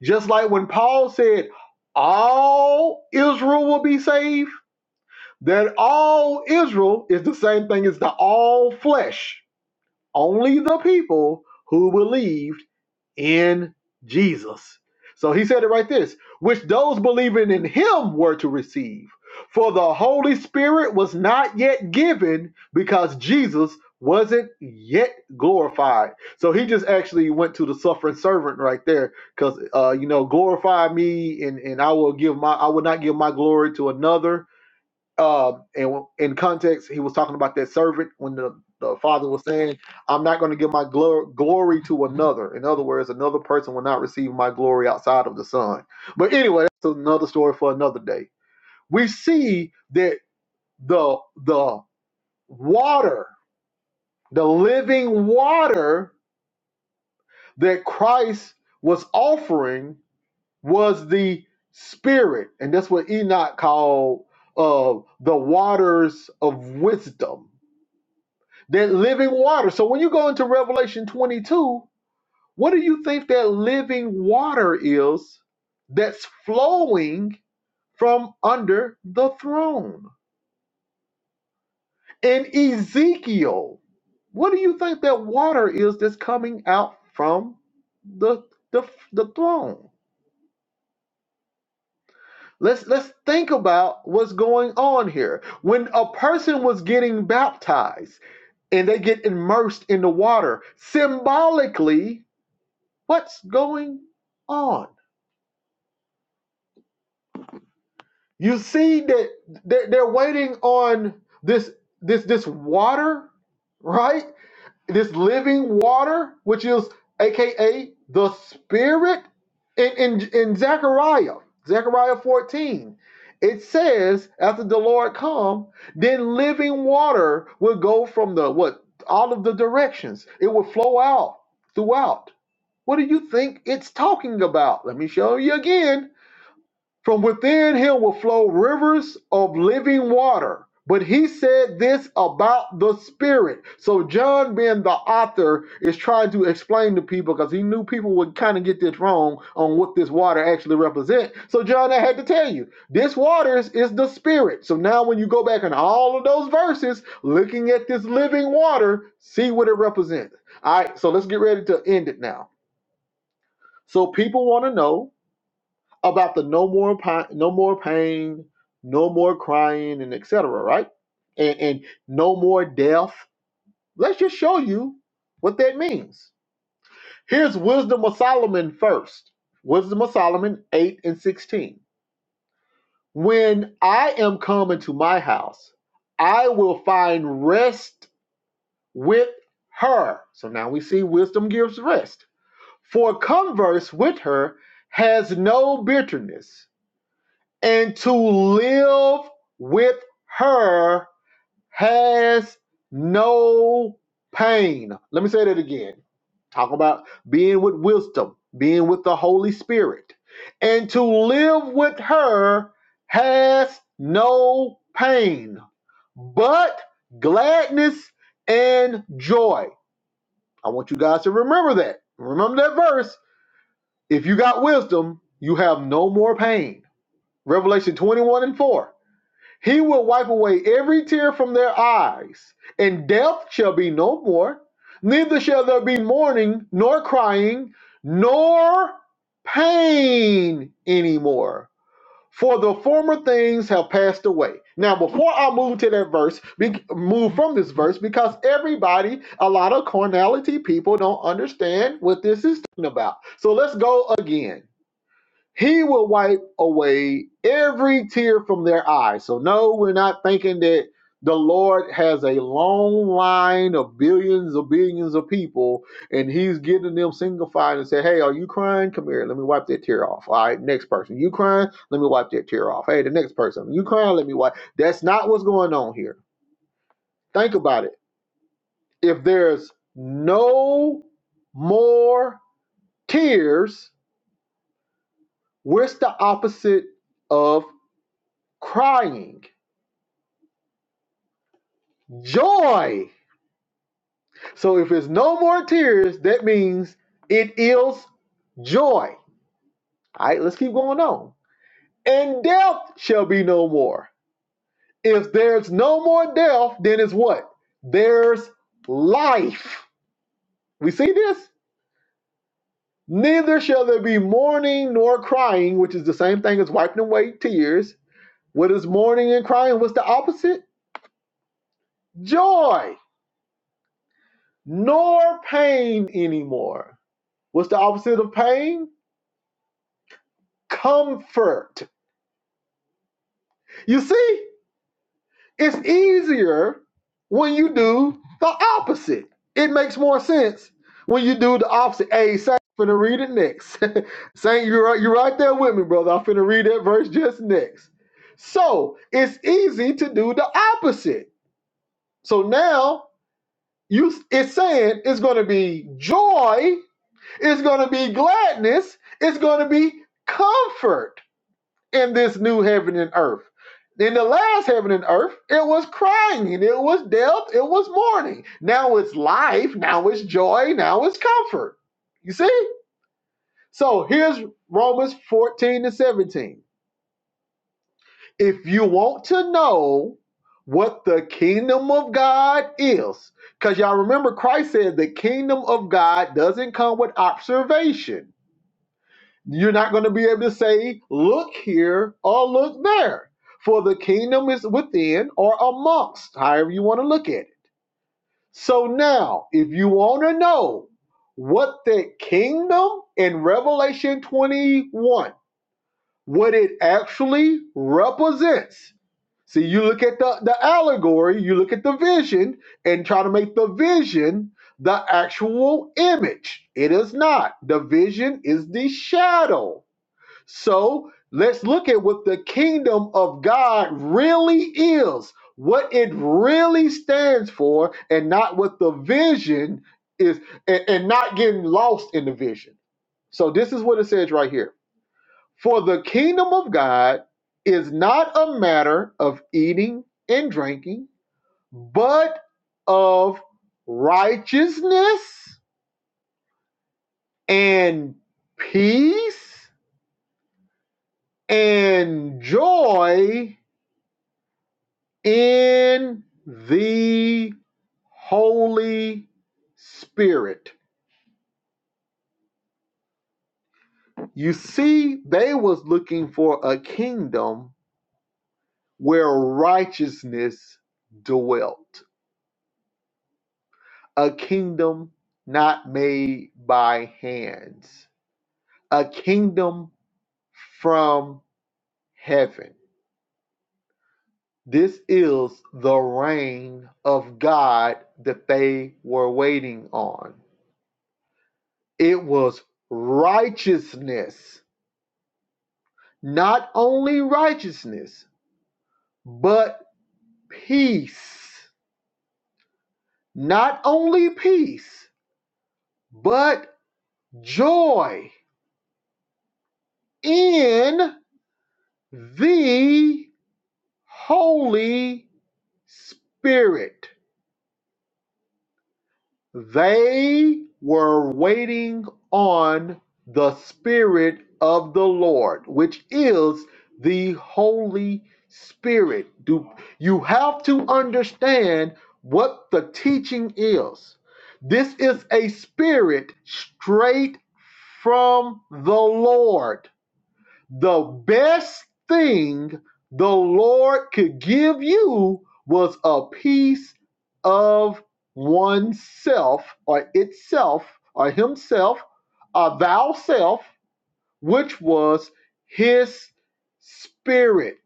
Just like when Paul said, "All Israel will be saved." that all Israel is the same thing as the all flesh, only the people who believed in Jesus. So he said it right this, which those believing in him were to receive. For the Holy Spirit was not yet given because Jesus wasn't yet glorified. So he just actually went to the suffering servant right there because, uh, you know, glorify me and, and I will give my, I will not give my glory to another uh, and in context, he was talking about that servant when the, the father was saying, I'm not going to give my glo- glory to another. In other words, another person will not receive my glory outside of the son. But anyway, that's another story for another day. We see that the the water, the living water that Christ was offering was the spirit. And that's what Enoch called uh, the waters of wisdom That living water. So when you go into Revelation 22, what do you think that living water is that's flowing from under the throne? In Ezekiel, what do you think that water is that's coming out from the the, the throne? Let's let's think about what's going on here. When a person was getting baptized and they get immersed in the water, symbolically What's going on? You see that they're, they're waiting on this this this water, right? This living water, which is AKA the Spirit. In in, in Zechariah, Zechariah 14, it says, after the Lord come, then living water will go from the what all of the directions. It will flow out throughout. What do you think it's talking about? Let me show you again From within him will flow rivers of living water. But he said this about the Spirit. So, John, being the author, is trying to explain to people because he knew people would kind of get this wrong on what this water actually represents. So, John, I had to tell you this water is, is the Spirit. So, now when you go back in all of those verses, looking at this living water, see what it represents. All right, so let's get ready to end it now. So, people want to know about the no more pain, no more pain, no more crying, and et cetera, Right, and, and no more death. Let's just show you what that means. Here's wisdom of Solomon first. Wisdom of Solomon eight and sixteen. When I am come into my house, I will find rest with her. So now we see wisdom gives rest. For converse with her has no bitterness and to live with her has no pain. Let me say that again. Talk about being with wisdom, being with the Holy Spirit. And to live with her has no pain, but gladness and joy. I want you guys to remember that. Remember that verse. If you got wisdom, you have no more pain. Revelation 21 and 4. He will wipe away every tear from their eyes, and death shall be no more. Neither shall there be mourning, nor crying, nor pain anymore, for the former things have passed away. Now, before I move to that verse, be, move from this verse, because everybody, a lot of carnality people, don't understand what this is talking about. So let's go again. He will wipe away every tear from their eyes. So, no, we're not thinking that the Lord has a long line of billions of billions of people and He's getting them single file and say, Hey, are you crying? Come here, let me wipe that tear off. All right, next person. You crying? Let me wipe that tear off. Hey, the next person. You crying? Let me wipe. That's not what's going on here. Think about it. If there's no more tears, what's the opposite of crying? joy. So if there's no more tears, that means it is joy. All right, let's keep going on. And death shall be no more. If there's no more death, then it's what? There's life. We see this? Neither shall there be mourning nor crying, which is the same thing as wiping away tears. What is mourning and crying? What's the opposite? Joy. Nor pain anymore. What's the opposite of pain? comfort. You see, it's easier when you do the opposite. It makes more sense when you do the opposite. Hey, Saint, I'm finna read it next. Saint, you're right, you're right there with me, brother. I'm finna read that verse just next. So it's easy to do the opposite. So now you it's saying it's gonna be joy, it's gonna be gladness, it's gonna be comfort in this new heaven and earth. In the last heaven and earth, it was crying, it was death, it was mourning. Now it's life, now it's joy, now it's comfort. You see? So here's Romans 14 to 17. If you want to know what the kingdom of God is, because y'all remember Christ said the kingdom of God doesn't come with observation You're not going to be able to say, look here or look there, for the kingdom is within or amongst, however you want to look at it. So now, if you want to know what the kingdom in Revelation 21, what it actually represents, see, you look at the, the allegory, you look at the vision, and try to make the vision the actual image. It is not. The vision is the shadow so let's look at what the kingdom of God really is, what it really stands for, and not what the vision is, and, and not getting lost in the vision. So this is what it says right here For the kingdom of God is not a matter of eating and drinking, but of righteousness and peace and joy in the Holy Spirit. You see, they was looking for a kingdom where righteousness dwelt, a kingdom not made by hands, a kingdom from heaven. This is the reign of God that they were waiting on. It was righteousness not only righteousness, but peace. Not only peace, but joy in the Holy Spirit. They were waiting on the Spirit of the Lord, which is the Holy Spirit. Do you have to understand what the teaching is? This is a spirit straight from the Lord the best thing the Lord could give you was a piece of oneself or itself or himself or thou self, which was his spirit.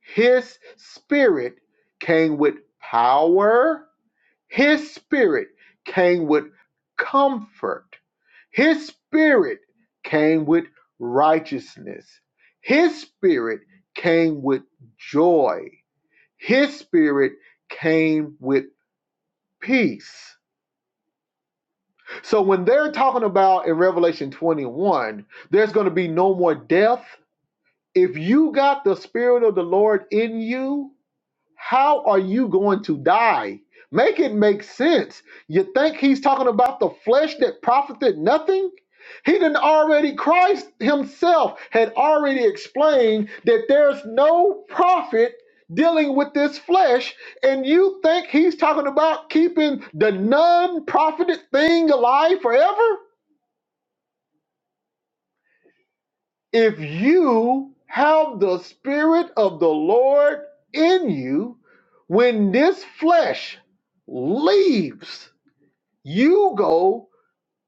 His spirit came with power his spirit came with comfort. His spirit came with righteousness. His spirit came with joy. His spirit came with peace. So when they're talking about in Revelation 21, there's going to be no more death. If you got the spirit of the Lord in you, How are you going to die? Make it make sense. You think he's talking about the flesh that profited nothing? He didn't already, Christ himself had already explained that there's no profit dealing with this flesh, and you think he's talking about keeping the non profited thing alive forever? If you have the Spirit of the Lord in you, when this flesh leaves, you go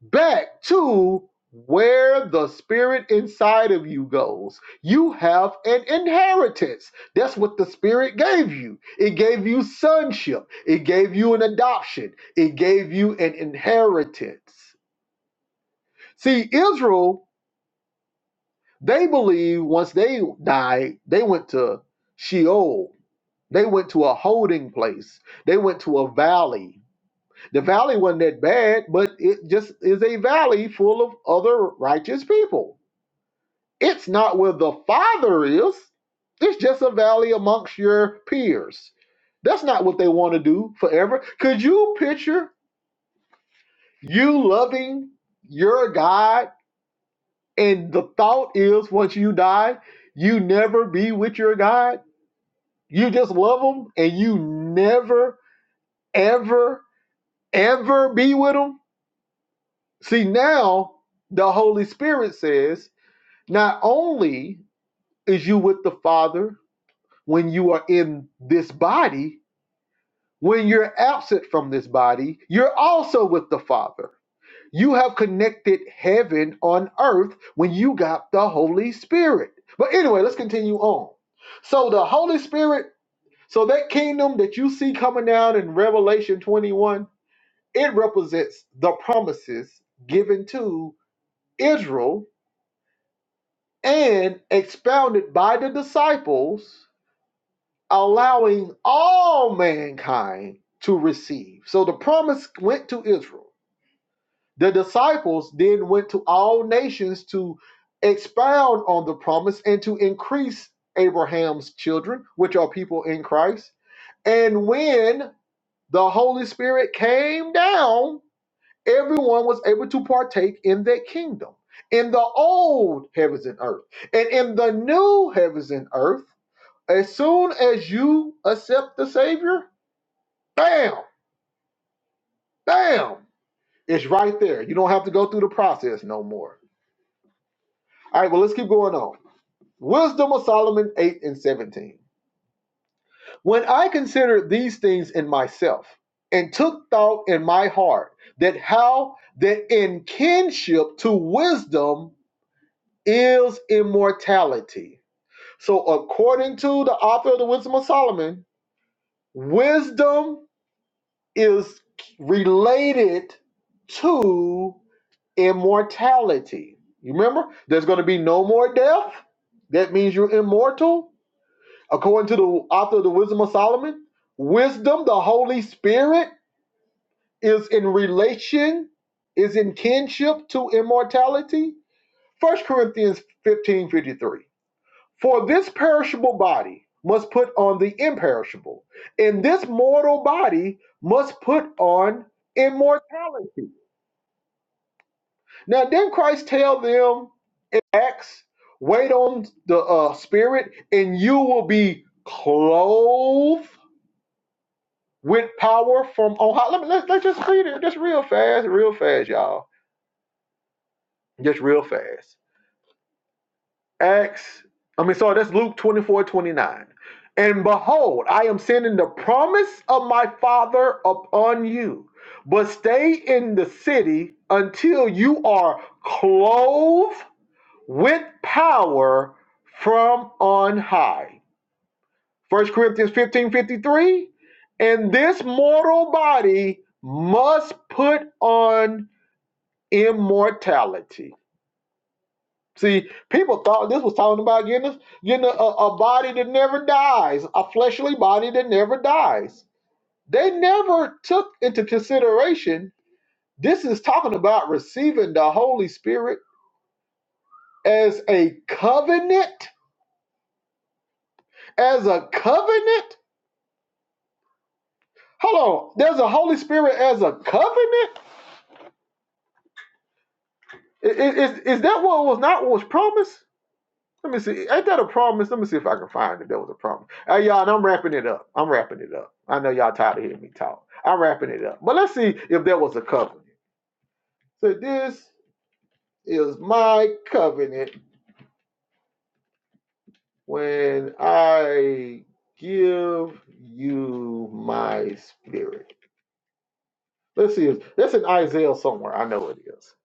back to where the Spirit inside of you goes. You have an inheritance. That's what the Spirit gave you. It gave you sonship, it gave you an adoption, it gave you an inheritance. See, Israel They believe once they died, they went to Sheol. They went to a holding place. They went to a valley. The valley wasn't that bad, but it just is a valley full of other righteous people. It's not where the Father is. It's just a valley amongst your peers. That's not what they want to do forever. Could you picture you loving your God and the thought is once you die, you never be with your God? You just love them and you never, ever, ever be with them. See, now the Holy Spirit says, not only is you with the Father when you are in this body, when you're absent from this body, you're also with the Father. You have connected heaven on earth when you got the Holy Spirit. But anyway, let's continue on. So the Holy Spirit, so that kingdom that you see coming down in Revelation 21 It represents the promises given to Israel and expounded by the disciples, allowing all mankind to receive. So the promise went to Israel. The disciples then went to all nations to expound on the promise and to increase Abraham's children, which are people in Christ. And when the Holy Spirit came down, everyone was able to partake in that kingdom in the old heavens and earth and in the new heavens and earth as soon as you accept the savior bam bam it's right there you don't have to go through the process no more all right well let's keep going on wisdom of solomon 8 and 17 when i considered these things in myself and took thought in my heart that how that in kinship to wisdom is immortality. So, according to the author of the Wisdom of Solomon, wisdom is related to immortality. You remember, there's going to be no more death. That means you're immortal. According to the author of the Wisdom of Solomon, wisdom, the Holy Spirit, is in relation, is in kinship to immortality. First Corinthians fifteen fifty three. For this perishable body must put on the imperishable, and this mortal body must put on immortality. Now, didn't Christ tell them in Acts, wait on the uh, Spirit, and you will be clothed with power from on high? Let me, let's, let's just read it just real fast, real fast, y'all. Just real fast. Acts, I mean, sorry, that's Luke 24, 29. And behold, I am sending the promise of my Father upon you, but stay in the city until you are clothed with power from on high. First Corinthians 15, 53. And this mortal body must put on immortality. See, people thought this was talking about getting a, getting a, a body that never dies, a fleshly body that never dies. They never took into consideration this is talking about receiving the Holy Spirit as a covenant, as a covenant. Hold on, there's a Holy Spirit as a covenant. I- i- Is, is that what was not what was promised? Let me see. Ain't that a promise? Let me see if I can find it. That was a promise. Hey, y'all, and I'm wrapping it up. I'm wrapping it up. I know y'all tired of hearing me talk. I'm wrapping it up. But let's see if there was a covenant. So this is my covenant when I give you my spirit. Let's see. if- That's in Isaiah somewhere. I know it is.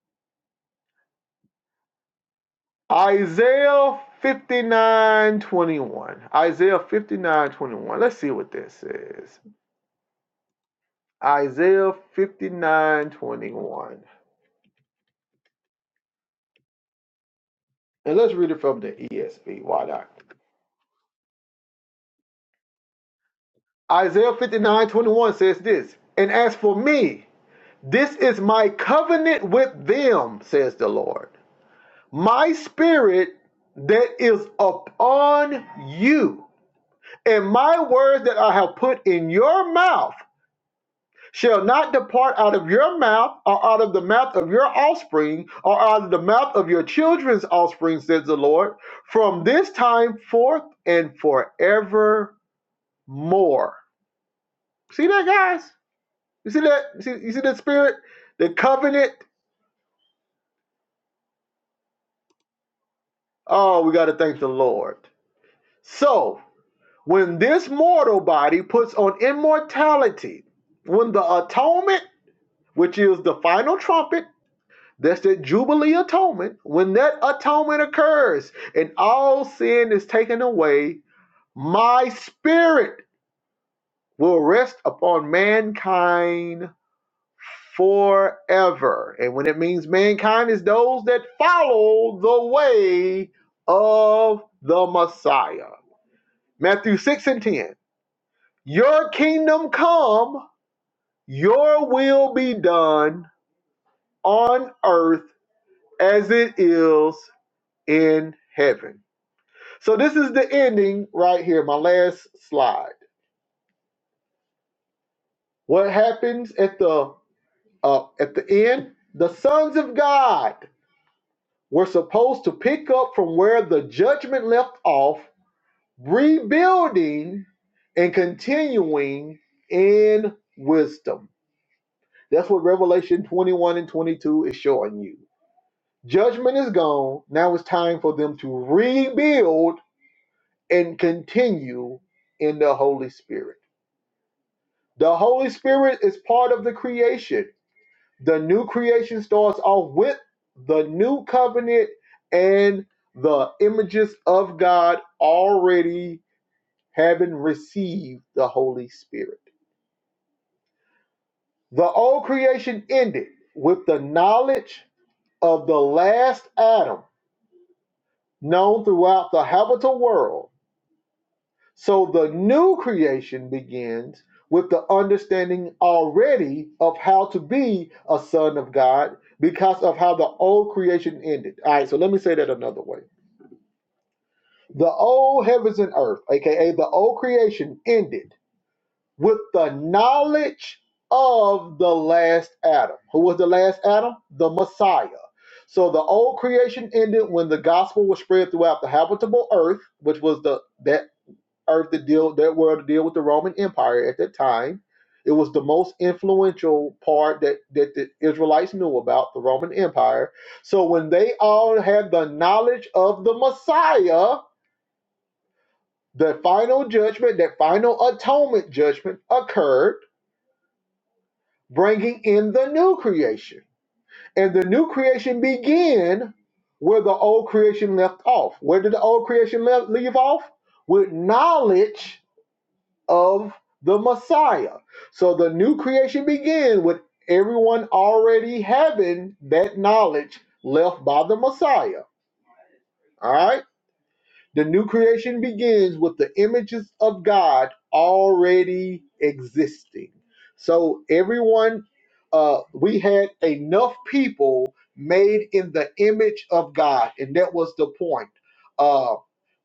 Isaiah 59:21. Isaiah 59:21. Let's see what that says. Isaiah 59 21, And let's read it from the ESV. Why not? Isaiah 59 21 says this And as for me, this is my covenant with them, says the Lord. My spirit that is upon you, and my words that I have put in your mouth shall not depart out of your mouth, or out of the mouth of your offspring, or out of the mouth of your children's offspring, says the Lord, from this time forth and forevermore. See that, guys? You see that? You see, you see that spirit? The covenant? Oh, we got to thank the Lord. So, when this mortal body puts on immortality, when the atonement, which is the final trumpet, That's the Jubilee atonement. When that atonement occurs and all sin is taken away, my spirit will rest upon mankind forever. And when it means mankind is those that follow the way of the Messiah. Matthew 6 and 10. Your kingdom come, your will be done on earth as it is in heaven. So this is the ending right here, my last slide. What happens at the uh, at the end? The sons of God were supposed to pick up from where the judgment left off, rebuilding and continuing in wisdom. That's what Revelation 21 and 22 is showing you. Judgment is gone. Now it's time for them to rebuild and continue in the Holy Spirit. The Holy Spirit is part of the creation. The new creation starts off with the new covenant and the images of God already having received the Holy Spirit. The old creation ended with the knowledge of the last Adam known throughout the habitable world So the new creation begins with the understanding already of how to be a son of God because of how the old creation ended. All right, so let me say that another way. The old heavens and earth, aka the old creation, ended with the knowledge of the last Adam. Who was the last Adam? The Messiah. So the old creation ended when the gospel was spread throughout the habitable earth, which was the that earth to deal that were to deal with the Roman Empire at that time. It was the most influential part that, that the Israelites knew about the Roman Empire. So when they all had the knowledge of the Messiah, the final judgment, that final atonement judgment occurred, bringing in the new creation. And the new creation began where the old creation left off. Where did the old creation le- leave off? With knowledge of the Messiah. So the new creation began with everyone already having that knowledge left by the Messiah. All right. The new creation begins with the images of God already existing. So everyone, uh, we had enough people made in the image of God, and that was the point. Uh,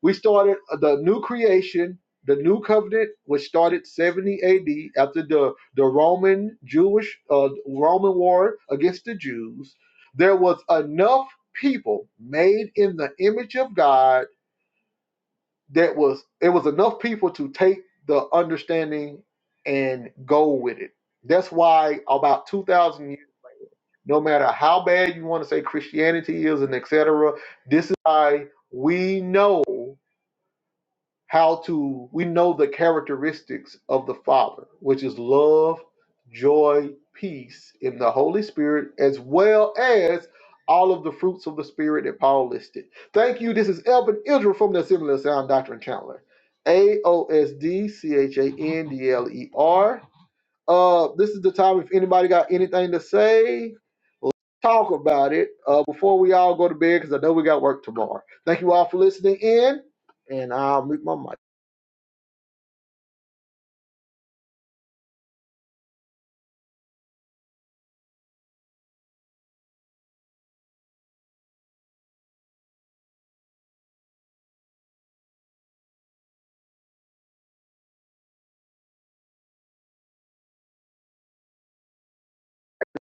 we started uh, the new creation, the new covenant, which started 70 A.D. after the the Roman Jewish uh, Roman war against the Jews. There was enough people made in the image of God that was it was enough people to take the understanding and go with it. That's why about 2000 years, no matter how bad you want to say Christianity is and etc., this is why we know how to we know the characteristics of the father which is love joy peace in the holy spirit as well as all of the fruits of the spirit that paul listed thank you this is elvin israel from the assembly of sound doctrine chandler a-o-s-d-c-h-a-n-d-l-e-r uh this is the time if anybody got anything to say talk about it uh before we all go to bed because i know we got work tomorrow thank you all for listening in and i'll mute my mic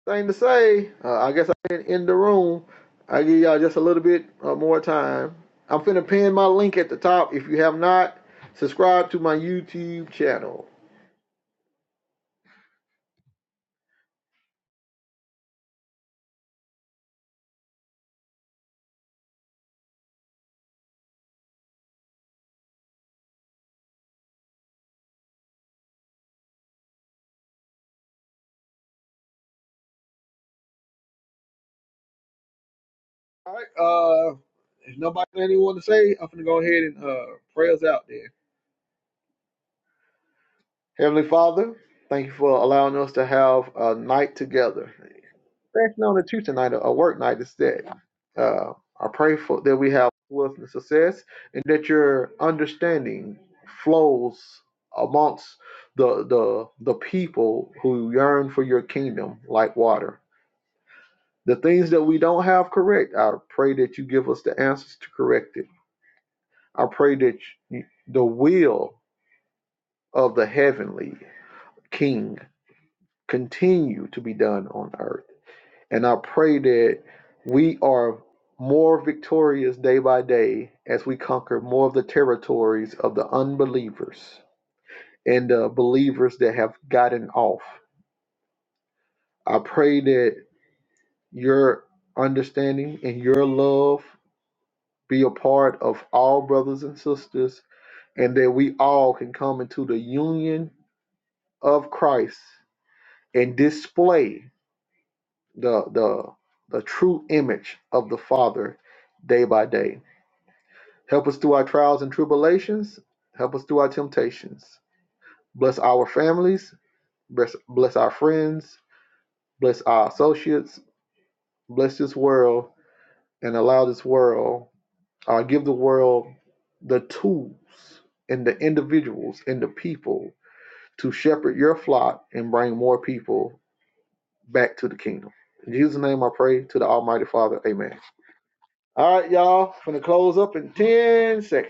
thing to say. Uh, I guess I can end the room. I give y'all just a little bit uh, more time. I'm finna pin my link at the top. If you have not, subscribe to my YouTube channel. All right. Uh, if nobody got anyone to say, I'm finna go ahead and uh, pray us out there. Heavenly Father, thank you for allowing us to have a night together. Fasting on the Tuesday night, a a work night instead. Uh, I pray for that we have wealth and success, and that your understanding flows amongst the the the people who yearn for your kingdom like water. The things that we don't have correct, I pray that you give us the answers to correct it. I pray that you, the will of the heavenly King continue to be done on earth And I pray that we are more victorious day by day as we conquer more of the territories of the unbelievers and the believers that have gotten off. I pray that your understanding and your love be a part of all brothers and sisters, and that we all can come into the union of Christ and display the the the true image of the Father day by day. Help us through our trials and tribulations. Help us through our temptations. Bless our families. Bless, bless our friends. Bless our associates. Bless this world and allow this world, uh, give the world the tools and the individuals and the people to shepherd your flock and bring more people back to the kingdom. In Jesus' name I pray to the Almighty Father. Amen. All right, y'all. Gonna close up in 10 seconds.